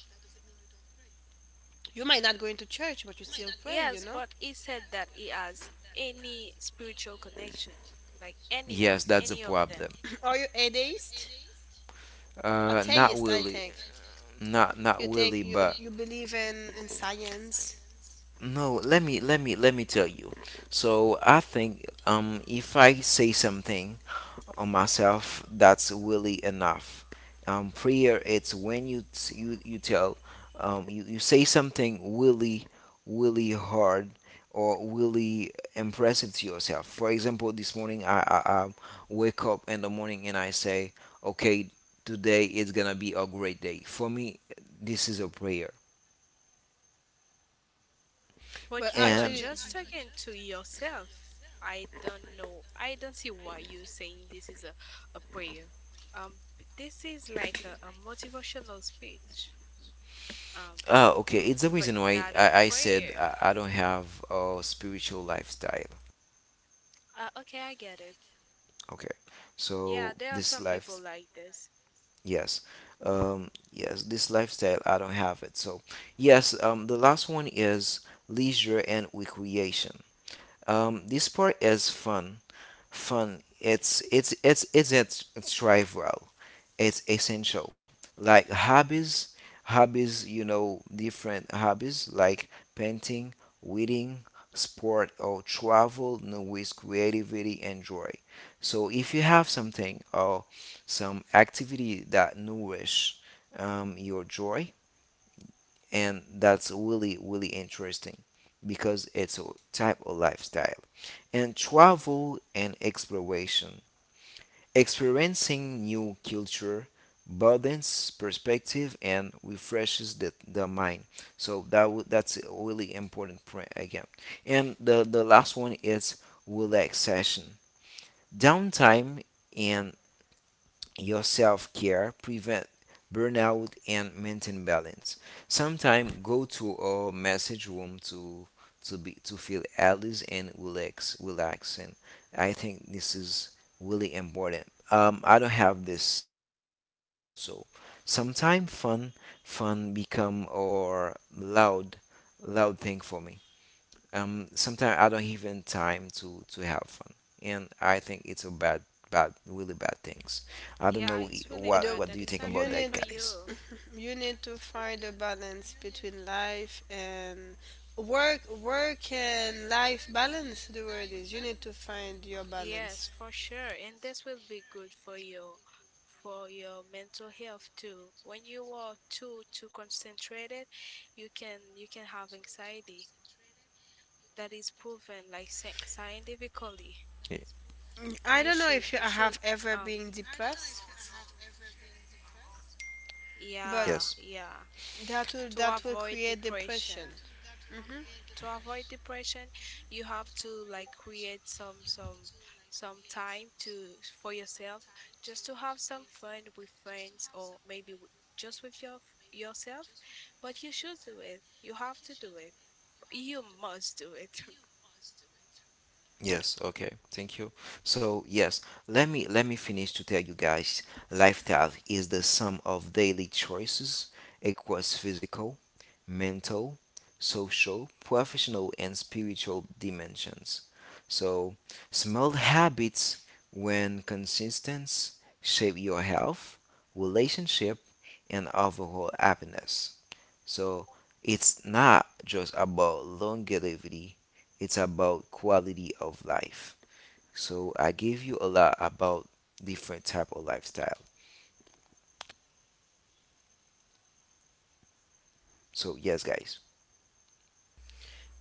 [SPEAKER 1] You might not go into church, but you still pray. You
[SPEAKER 3] Yes,
[SPEAKER 1] know,
[SPEAKER 3] but he said that he has any spiritual connection, like
[SPEAKER 2] Yes,
[SPEAKER 3] anyone,
[SPEAKER 2] that's a
[SPEAKER 3] any of them.
[SPEAKER 2] problem.
[SPEAKER 1] are you atheist?
[SPEAKER 2] Uh, not
[SPEAKER 1] Atheist, I
[SPEAKER 2] really,
[SPEAKER 1] think.
[SPEAKER 2] not not
[SPEAKER 1] You think
[SPEAKER 2] really,
[SPEAKER 1] you,
[SPEAKER 2] but
[SPEAKER 1] you believe in in science,
[SPEAKER 2] no. Let me let me let me tell you. So I think um, if I say something on myself that's really enough. Um, prayer it's when you t- you, you tell, um, you, you say something really really hard or really impressive to yourself. For example, this morning I, I, I wake up in the morning and I say okay, today is gonna be a great day for me. This is a prayer.
[SPEAKER 1] but
[SPEAKER 3] But you were
[SPEAKER 2] And
[SPEAKER 1] actually
[SPEAKER 3] just talking to yourself. I don't know. I don't see why you're saying this is a, a prayer. Um, b- this is like a, a motivational speech. Um,
[SPEAKER 2] uh, okay, it's the
[SPEAKER 3] but
[SPEAKER 2] reason why
[SPEAKER 3] not a
[SPEAKER 2] I, I said
[SPEAKER 3] prayer.
[SPEAKER 2] I, I don't have a spiritual lifestyle.
[SPEAKER 3] Uh, okay, I get it.
[SPEAKER 2] Okay,
[SPEAKER 3] Yeah,
[SPEAKER 2] so
[SPEAKER 3] there are
[SPEAKER 2] this
[SPEAKER 3] some people
[SPEAKER 2] life,
[SPEAKER 3] like this.
[SPEAKER 2] yes. Um, yes, this lifestyle, I don't have it. So yes, um, the last one is leisure and recreation. Um, this part is fun. Fun. It's it's it's it's it's it's trivial. It's essential. Like hobbies, hobbies. You know, different hobbies like painting, reading, sport, or travel. No waste creativity and joy. So if you have something or some activity that nourish um, your joy, and that's really really interesting because it's a type of lifestyle. And travel and exploration, experiencing new culture broadens perspective and refreshes the, the mind. So that w- that's a really important point again. And the, the last one is relaxation. Downtime and your self care prevent burnout and maintain balance. Sometimes go to a message room to to be to feel at least and relax relaxing. I think this is really important. Um, I don't have this lifestyle also. Sometimes fun fun become or loud loud thing for me. Um, sometimes I don't even time to to have fun, and I think it's a bad, bad, really bad things. I don't
[SPEAKER 3] Yeah,
[SPEAKER 2] know i-
[SPEAKER 3] it's really
[SPEAKER 2] what
[SPEAKER 1] the
[SPEAKER 3] bad.
[SPEAKER 2] what do
[SPEAKER 3] That
[SPEAKER 2] you
[SPEAKER 3] is
[SPEAKER 2] think
[SPEAKER 3] not
[SPEAKER 1] you
[SPEAKER 2] about
[SPEAKER 3] great
[SPEAKER 2] that,
[SPEAKER 1] need
[SPEAKER 3] for
[SPEAKER 2] guys?
[SPEAKER 3] you.
[SPEAKER 1] you need to find a balance between life and work, work and life balance, the word is, you need to find your
[SPEAKER 3] Yes,
[SPEAKER 1] balance.
[SPEAKER 3] for sure. And this will be good for you, for your mental health too. When you are too too concentrated, you can you can have anxiety. That is proven like sci scientifically.
[SPEAKER 2] Ye-
[SPEAKER 1] I
[SPEAKER 3] You
[SPEAKER 1] don't know if
[SPEAKER 3] should
[SPEAKER 1] you
[SPEAKER 3] you should
[SPEAKER 1] have ever
[SPEAKER 3] um
[SPEAKER 1] been depressed, but
[SPEAKER 3] yeah,
[SPEAKER 2] Yes.
[SPEAKER 3] yeah,
[SPEAKER 1] that will,
[SPEAKER 3] to
[SPEAKER 1] that will
[SPEAKER 3] avoid
[SPEAKER 1] create
[SPEAKER 3] depression.
[SPEAKER 1] depression. Hmm.
[SPEAKER 3] To avoid depression, you have to like create some some some time to for yourself, just to have some fun with friends or maybe w- just with your yourself. But you should do it. You have to do it. You must do it.
[SPEAKER 2] Yes, okay. Thank you. So yes, let me let me finish to tell you guys lifestyle is the sum of daily choices across physical, mental, social, professional and spiritual dimensions. So small habits when consistent shape your health, relationship and overall happiness. So it's not just about longevity, it's about quality of life. So I gave you a lot about different type of lifestyle. So yes, guys.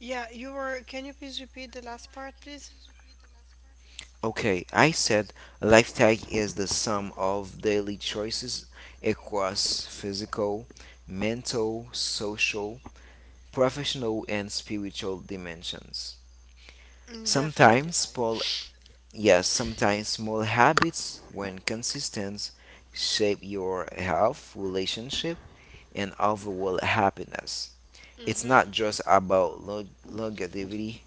[SPEAKER 1] Yeah, you were, can you please repeat the last part, please?
[SPEAKER 2] Okay, I said a lifestyle is the sum of daily choices across physical, mental, social, professional, and spiritual dimensions.
[SPEAKER 1] Mm,
[SPEAKER 2] Sometimes
[SPEAKER 1] definitely.
[SPEAKER 2] small, yes, sometimes small habits, when consistent, shape your health, relationship, and overall happiness. It's not
[SPEAKER 1] Hmm.
[SPEAKER 2] just about long- longevity,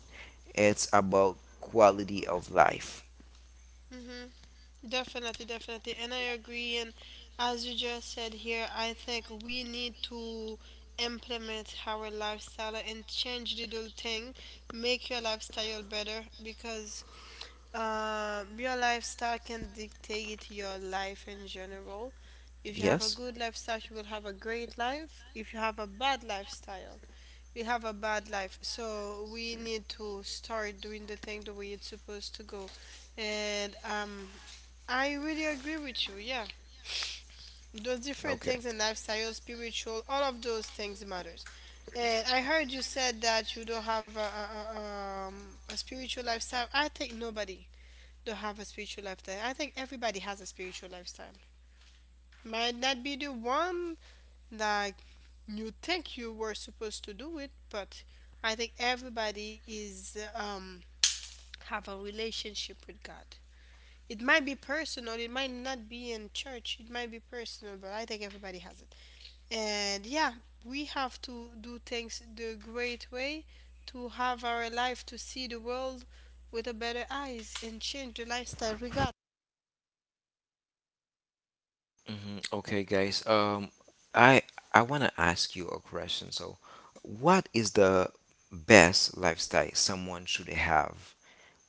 [SPEAKER 2] it's about quality of life.
[SPEAKER 1] Hmm. Definitely, definitely. And I agree. And as you just said here, I think we need to implement our lifestyle and change the little thing, make your lifestyle better because uh, your lifestyle can dictate your life in general. If you have a
[SPEAKER 2] Yes?
[SPEAKER 1] good lifestyle, you will have a great life. If you have a bad lifestyle, we have a bad life, so we need to start doing the thing the way it's supposed to go, and um I really agree with you. Yeah, those different
[SPEAKER 2] Okay.
[SPEAKER 1] things in lifestyle, spiritual, all of those things matters. And I heard you said that you don't have a, a, a, um, a spiritual lifestyle. I think nobody don't have a spiritual lifestyle. I think everybody has a spiritual lifestyle. Might not be the one like you think you were supposed to do it, but I think everybody is um have a relationship with God. It might be personal, it might not be in church, it might be personal, but I think everybody has it. And yeah, we have to do things the great way, to have our life, to see the world with a better eyes and change the lifestyle we got.
[SPEAKER 2] Hmm. Okay, guys. Um, I I want to ask you a question. So what is the best lifestyle someone should have?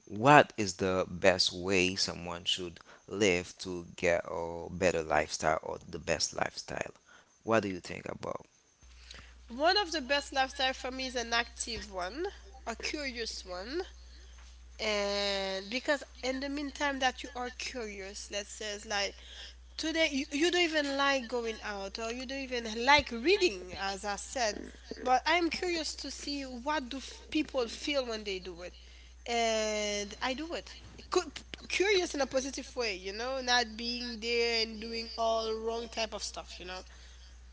[SPEAKER 2] What is the best way someone should live to get a better lifestyle or the best lifestyle? What do you think about?
[SPEAKER 1] One of the best lifestyle for me is an active one, a curious one. And because in the meantime that you are curious, let's say it's like today you, you don't even like going out or you don't even like reading, as I said, but I'm curious to see what do f- people feel when they do it, and I do it. Cu- Curious in a positive way, you know, not being there and doing all wrong type of stuff, you know.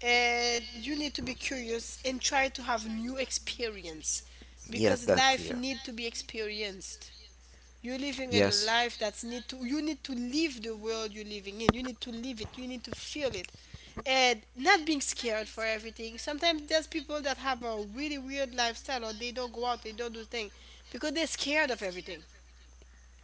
[SPEAKER 1] And you need to be curious and try to have new experience,
[SPEAKER 2] Yes,
[SPEAKER 1] because
[SPEAKER 2] that's because clear.
[SPEAKER 1] life need to be experienced. You're living in a
[SPEAKER 2] Yes,
[SPEAKER 1] life that's need to, you need to live the world you're living in. You need to live it. You need to feel it. And not being scared for everything. Sometimes there's people that have a really weird lifestyle, or they don't go out, they don't do things because they're scared of everything.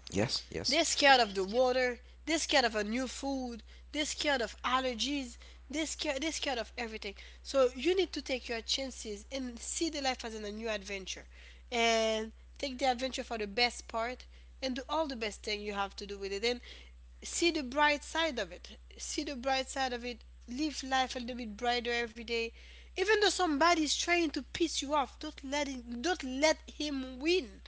[SPEAKER 2] yes, yes,
[SPEAKER 1] They're scared of the water. They're scared of a new food. They're scared of allergies. They're scared, they're scared of everything. So you need to take your chances and see the life as in a new adventure. And take the adventure for the best part and do all the best thing you have to do with it. And see the bright side of it. See the bright side of it. Live life a little bit brighter every day. Even though somebody's trying to piss you off, don't let him, don't let him win,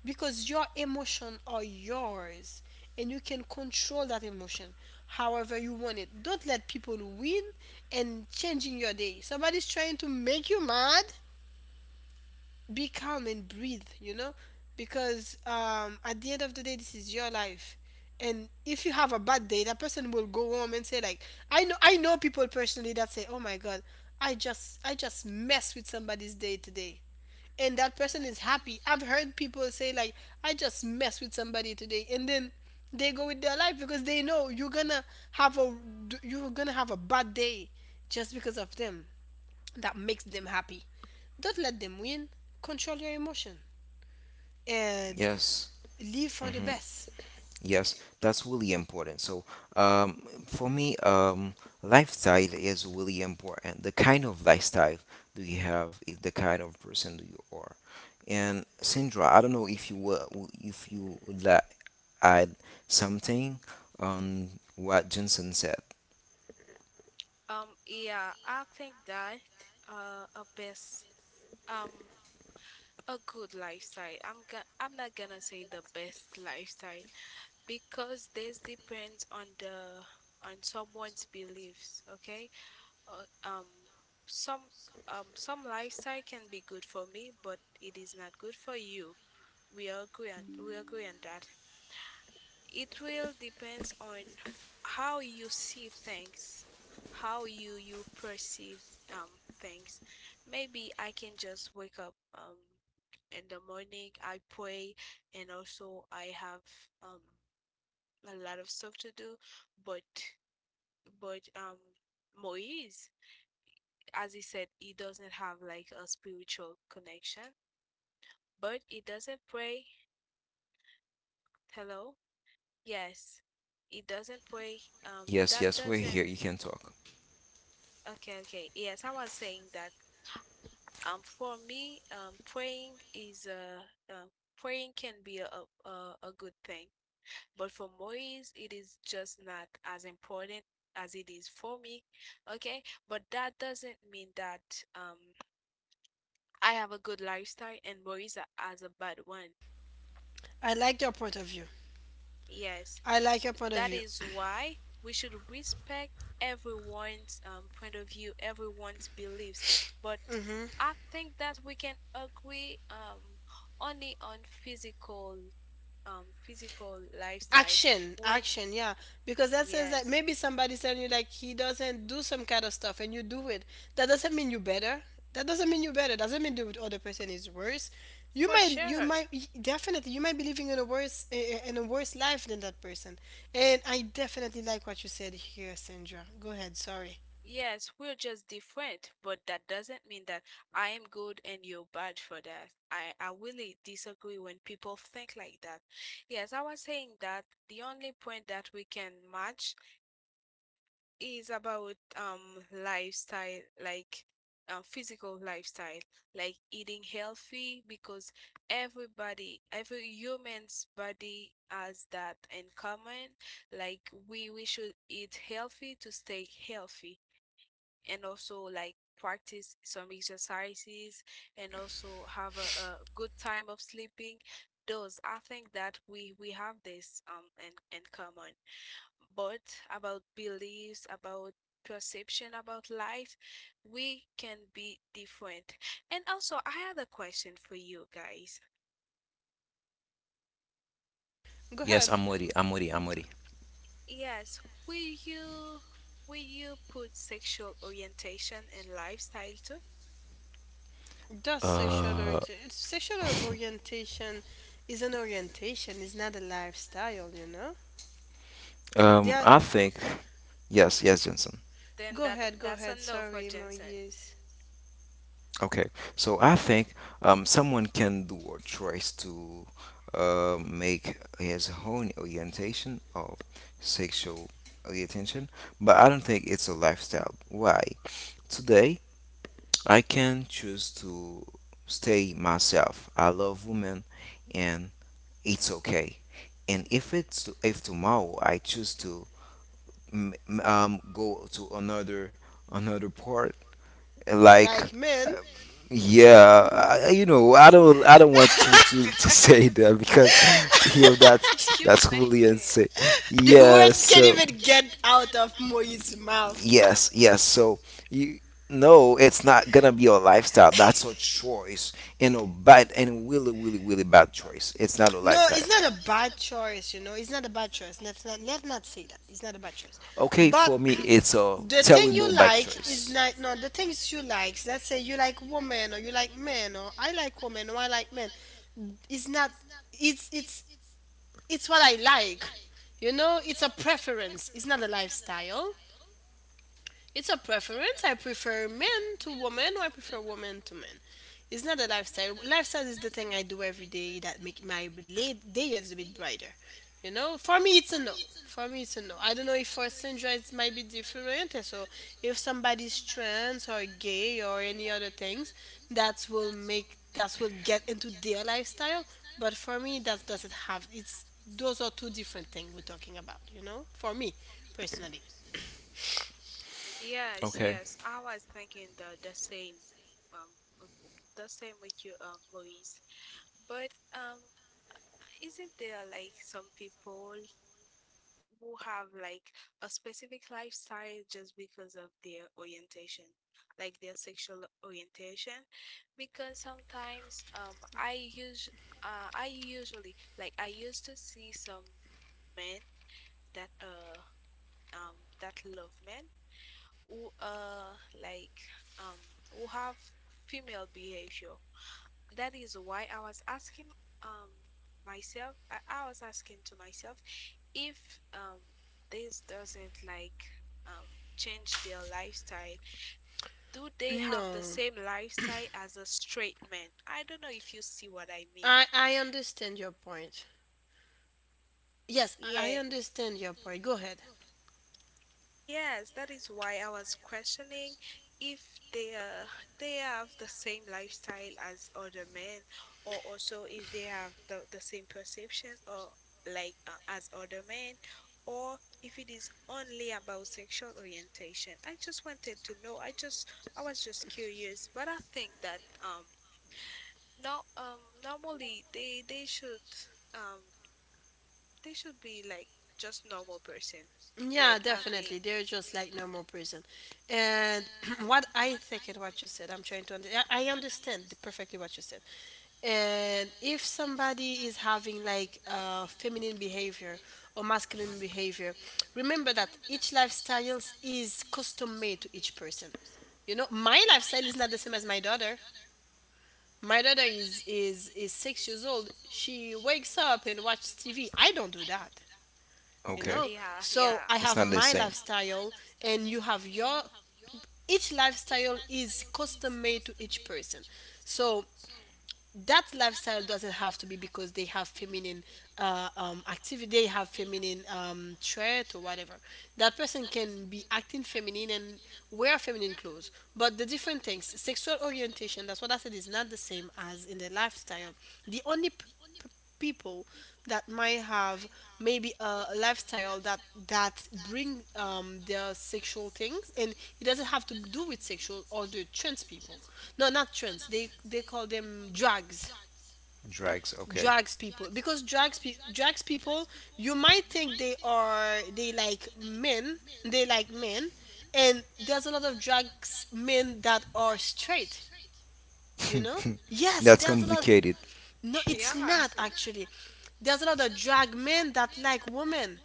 [SPEAKER 1] because your emotion are yours and you can control that emotion however you want it. Don't let people win and changing your day. Somebody's trying to make you mad, be calm and breathe, you know, because um, at the end of the day this is your life. And if you have a bad day, that person will go home and say like, I know, I know people personally that say, oh my god, i just i just messed with somebody's day today, and that person is happy. I've heard people say like, I just mess with somebody today, and then they go with their life because they know you're gonna have a, you're gonna have a bad day just because of them. That makes them happy. Don't let them win. Control your emotion and
[SPEAKER 2] yes.
[SPEAKER 1] live for the
[SPEAKER 2] Hmm.
[SPEAKER 1] best.
[SPEAKER 2] Yes, that's really important. So um, for me, um, lifestyle is really important. The kind of lifestyle do you have is the kind of person do you are. And Sandra, I don't know if you were, if you would like add something on what Jensen said.
[SPEAKER 3] Um, yeah, I think that uh a best um a good lifestyle. I'm going I'm not gonna say the best lifestyle, because this depends on the on someone's beliefs, okay? Uh, um, some um some lifestyle can be good for me, but it is not good for you. We agree on we agree on that. It will depends on how you see things, how you you perceive um things. Maybe I can just wake up um in the morning, I pray, and also I have um a lot of stuff to do, but but um Moise, as he said, he doesn't have like a spiritual connection, but he doesn't pray. Hello? Yes. He doesn't pray. Um
[SPEAKER 2] Yes,
[SPEAKER 3] that
[SPEAKER 2] yes, we're
[SPEAKER 3] doesn't
[SPEAKER 2] here. You can talk.
[SPEAKER 3] Okay, okay. Yes, I was saying that um for me, um praying is a uh, um, praying can be a, a a good thing. But for Moise, it is just not as important as it is for me. Okay, but that doesn't mean that um I have a good lifestyle and Moise has a bad one.
[SPEAKER 1] I like your point of view.
[SPEAKER 3] Yes,
[SPEAKER 1] I like your point of
[SPEAKER 3] that
[SPEAKER 1] view.
[SPEAKER 3] is why we should respect everyone's um, point of view, everyone's beliefs. But I think that we can agree um only on physical um physical lifestyle
[SPEAKER 1] Action,
[SPEAKER 3] when
[SPEAKER 1] action, yeah, because that says that
[SPEAKER 3] yes,
[SPEAKER 1] maybe somebody's telling you like he doesn't do some kind of stuff and you do it, that doesn't mean you better, that doesn't mean you better, doesn't mean the other person is worse. You
[SPEAKER 3] for
[SPEAKER 1] might, you
[SPEAKER 3] sure.
[SPEAKER 1] might, definitely you might be living in a worse, in a worse life than that person. And I definitely like what you said here, Sandra. Go ahead, sorry.
[SPEAKER 3] Yes, we're just different, but that doesn't mean that I am good and you're bad for that. I, I really disagree when people think like that. Yes, I was saying that the only point that we can match is about um lifestyle, like um, physical lifestyle, like eating healthy, because everybody, every human's body has that in common. Like we we should eat healthy to stay healthy, and also like practice some exercises, and also have a, a good time of sleeping. Those, I think that we we have this um in, in common. But about beliefs, about perception about life, we can be different. And also I had a question for you guys.
[SPEAKER 1] Go
[SPEAKER 2] Yes,
[SPEAKER 1] ahead.
[SPEAKER 2] I'm ready. I'm ready. I'm ready.
[SPEAKER 3] Yes, will you will you put sexual orientation and lifestyle too?
[SPEAKER 1] Does sexual
[SPEAKER 2] Uh,
[SPEAKER 1] orientation, sexual orientation is an orientation, it's not a lifestyle, you know.
[SPEAKER 2] Um,
[SPEAKER 1] There,
[SPEAKER 2] I think yes, yes, Jensen.
[SPEAKER 3] Then
[SPEAKER 1] go
[SPEAKER 3] that
[SPEAKER 1] ahead, go
[SPEAKER 3] that's a
[SPEAKER 1] ahead.
[SPEAKER 3] no for
[SPEAKER 1] Sorry,
[SPEAKER 3] Jensen.
[SPEAKER 1] Moyes.
[SPEAKER 2] Okay, so I think um, someone can do or tries to uh, make his own orientation of sexual orientation, but I don't think it's a lifestyle. Why? Today, I can choose to stay myself. I love women, and it's okay. And if it's if tomorrow I choose to mm, mm, um go to another another part, like
[SPEAKER 1] Like man,
[SPEAKER 2] yeah, I, you know, I don't I don't want to to to say that because you know that's
[SPEAKER 3] You
[SPEAKER 2] that's
[SPEAKER 3] made
[SPEAKER 2] really
[SPEAKER 3] it.
[SPEAKER 2] insane.
[SPEAKER 1] the
[SPEAKER 2] Yeah,
[SPEAKER 1] word can't
[SPEAKER 2] so
[SPEAKER 1] even get out of Moi's mouth.
[SPEAKER 2] yes, yes, so you. No, it's not gonna be a lifestyle. That's a choice, and a bad and really, really, really bad choice. It's not a
[SPEAKER 1] No,
[SPEAKER 2] lifestyle.
[SPEAKER 1] it's not a bad choice, you know. It's not a bad choice. Let's not let's not say that. It's not a bad choice.
[SPEAKER 2] Okay,
[SPEAKER 1] But
[SPEAKER 2] for me, it's a
[SPEAKER 1] the thing
[SPEAKER 2] terrible
[SPEAKER 1] you
[SPEAKER 2] bad
[SPEAKER 1] like is
[SPEAKER 2] choice.
[SPEAKER 1] not, no, the things you like. Let's say you like women or you like men, or I like women or I like men. It's not, it's it's it's what I like. You know, it's a preference. It's not a lifestyle. It's a preference. I prefer men to women, or I prefer women to men. It's not a lifestyle. Lifestyle is the thing I do every day that make my late day is a bit brighter. You know, for me, it's a no. For me, it's a no. I don't know if for Sandra it might be different. And so if somebody's trans or gay or any other things, that will make, that will get into their lifestyle. But for me, that doesn't have. It's, those are two different things we're talking about. You know, for me personally.
[SPEAKER 3] Yes,
[SPEAKER 2] Okay,
[SPEAKER 3] yes. I was thinking the the same, um, w- w- the same with you, um, Maurice. But um, isn't there like some people who have like a specific lifestyle just because of their orientation, like their sexual orientation? Because sometimes, um, I use, uh, I usually like I used to see some men that uh um that love men who uh like um who have female behavior. That is why I was asking um myself. I, I was asking to myself if um this doesn't like um change their lifestyle. Do they have the
[SPEAKER 1] No,
[SPEAKER 3] same lifestyle as a straight man? I don't know if you see what I mean.
[SPEAKER 1] I I understand your point. Yes, I I
[SPEAKER 3] Yeah,
[SPEAKER 1] understand your point. Go ahead.
[SPEAKER 3] yes, that is why I was questioning if they uh, they have the same lifestyle as other men, or also if they have the, the same perception or like uh, as other men, or if it is only about sexual orientation. I just wanted to know. I just I was just curious, but I think that um no um normally they they should um they should be like just normal person,
[SPEAKER 1] Yeah,
[SPEAKER 3] like
[SPEAKER 1] definitely.
[SPEAKER 3] having.
[SPEAKER 1] They're just like
[SPEAKER 3] Mhm.
[SPEAKER 1] normal person. And what I think and what you said, I'm trying to under- I I understand perfectly what you said. And if somebody is having like uh, feminine behavior or masculine behavior, remember that each lifestyles is custom made to each person. You know, my lifestyle is not the same as my daughter. My daughter is is is six years old. She wakes up and watches T V. I don't do that, you
[SPEAKER 2] okay.
[SPEAKER 1] know.
[SPEAKER 3] Yeah,
[SPEAKER 1] So
[SPEAKER 3] yeah.
[SPEAKER 1] I
[SPEAKER 2] It's
[SPEAKER 1] have
[SPEAKER 2] not the
[SPEAKER 1] my
[SPEAKER 2] same.
[SPEAKER 1] lifestyle, and you have your. Each lifestyle is custom made to each person. So that lifestyle doesn't have to be because they have feminine uh, um, activity, they have feminine um, trait or whatever. That person can be acting feminine and wear feminine clothes. But the different things, sexual orientation, that's what I said, is not the same as in the lifestyle. The only p- p- people that might have maybe a lifestyle that that bring um, their sexual things, and it doesn't have to do with sexual, or the trans people, no, not trends, they they call them drags.
[SPEAKER 2] Drags, okay.
[SPEAKER 1] Drags people, because drags pe- drags people, you might think they are, they like men, they like men, and there's a lot of drags men that are straight, you know. Yes,
[SPEAKER 2] That's
[SPEAKER 1] there's a lot.
[SPEAKER 2] complicated.
[SPEAKER 1] No, it's
[SPEAKER 3] Yeah.
[SPEAKER 1] not actually. There's a lot of drag men that like women.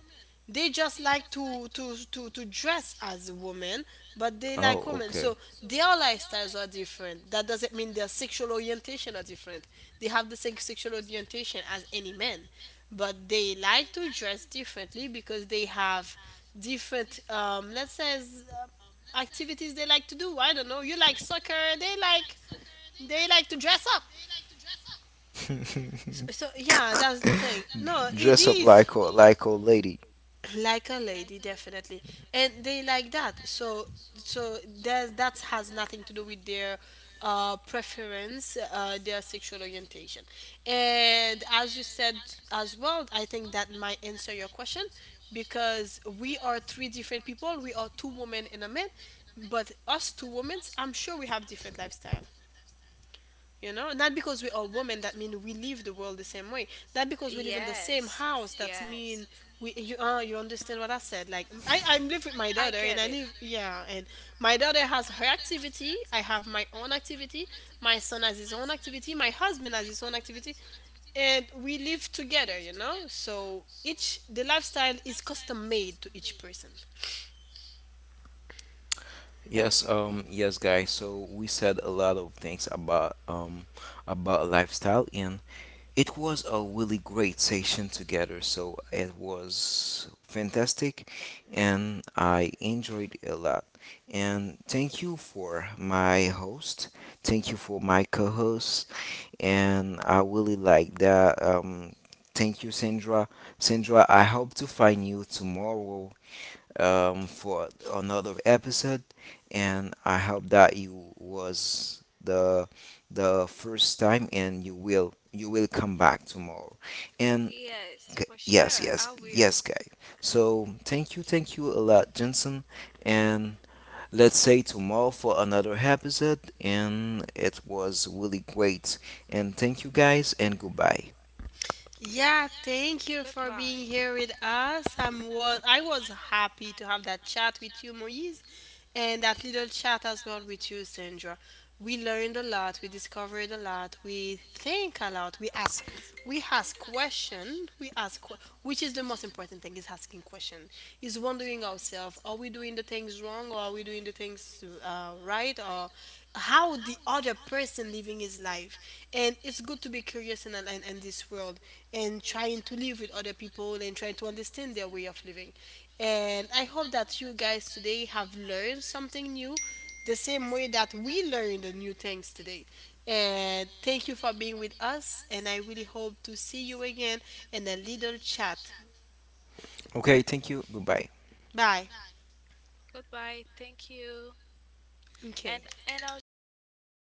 [SPEAKER 1] They just like to to to to dress as a woman, but they like
[SPEAKER 2] Oh,
[SPEAKER 1] women,
[SPEAKER 2] okay.
[SPEAKER 1] so their lifestyles are different. That doesn't mean their sexual orientation are different. They have the same sexual orientation as any man, but they like to dress differently because they have different um let's say uh, activities they like to do. I don't know, you like soccer, they like, they like to dress up. So, so yeah, that's the thing. No, it
[SPEAKER 2] Dress up
[SPEAKER 1] is.
[SPEAKER 2] like a like a lady.
[SPEAKER 1] Like a lady, definitely. And they like that. So so that that has nothing to do with their uh, preference, uh, their sexual orientation. And as you said as well, I think that might answer your question, because we are three different people, we are two women and a man. But us two women, I'm sure we have different lifestyle. You know, not because we are women that mean we leave the world the same way. That because we live in the same
[SPEAKER 3] Yes.
[SPEAKER 1] house that mean
[SPEAKER 3] Yes.
[SPEAKER 1] we you, uh, you understand what I said. Like I I live with my
[SPEAKER 3] I
[SPEAKER 1] daughter and
[SPEAKER 3] get
[SPEAKER 1] I
[SPEAKER 3] it.
[SPEAKER 1] live, yeah, and my daughter has her activity. I have my own activity. My son has his own activity. My husband has his own activity, and we live together. You know, so each the lifestyle is custom made to each person.
[SPEAKER 2] Yes, um, yes, guys. So we said a lot of things about um about lifestyle, and it was a really great session together, so it was fantastic and I enjoyed it a lot. And thank you for my host, thank you for my co host, and I really like that. Um, thank you, Sandra. Sandra, I hope to find you tomorrow um, for another episode, and I hope that you was the the first time, and you will you will come back tomorrow. And
[SPEAKER 3] Yes,
[SPEAKER 2] g-
[SPEAKER 3] for
[SPEAKER 2] yes,
[SPEAKER 3] sure.
[SPEAKER 2] yes,
[SPEAKER 3] I will.
[SPEAKER 2] yes, guys. So thank you, thank you a lot, Jensen, and let's say tomorrow for another episode. And it was really great. And thank you, guys, and goodbye.
[SPEAKER 1] Yeah, thank you for
[SPEAKER 3] Goodbye.
[SPEAKER 1] being here with us. I'm was I was happy to have that chat with you, Moise, and that little chat as well with you, Sandra. We learned a lot, we discovered a lot, we think a lot, we ask, we ask question, we ask que- which is the most important thing is asking question. Is wondering ourselves, are we doing the things wrong, or are we doing the things uh, right, or how the other person living his life. And it's good to be curious in, in, in this world and trying to live with other people and trying to understand their way of living. And I hope that you guys today have learned something new the same way that we learned the new things today. And thank you for being with us, and I really hope to see you again in a little chat.
[SPEAKER 2] Okay, thank you, goodbye.
[SPEAKER 1] Bye.
[SPEAKER 3] Goodbye. Thank you. And
[SPEAKER 1] Okay.
[SPEAKER 3] and also um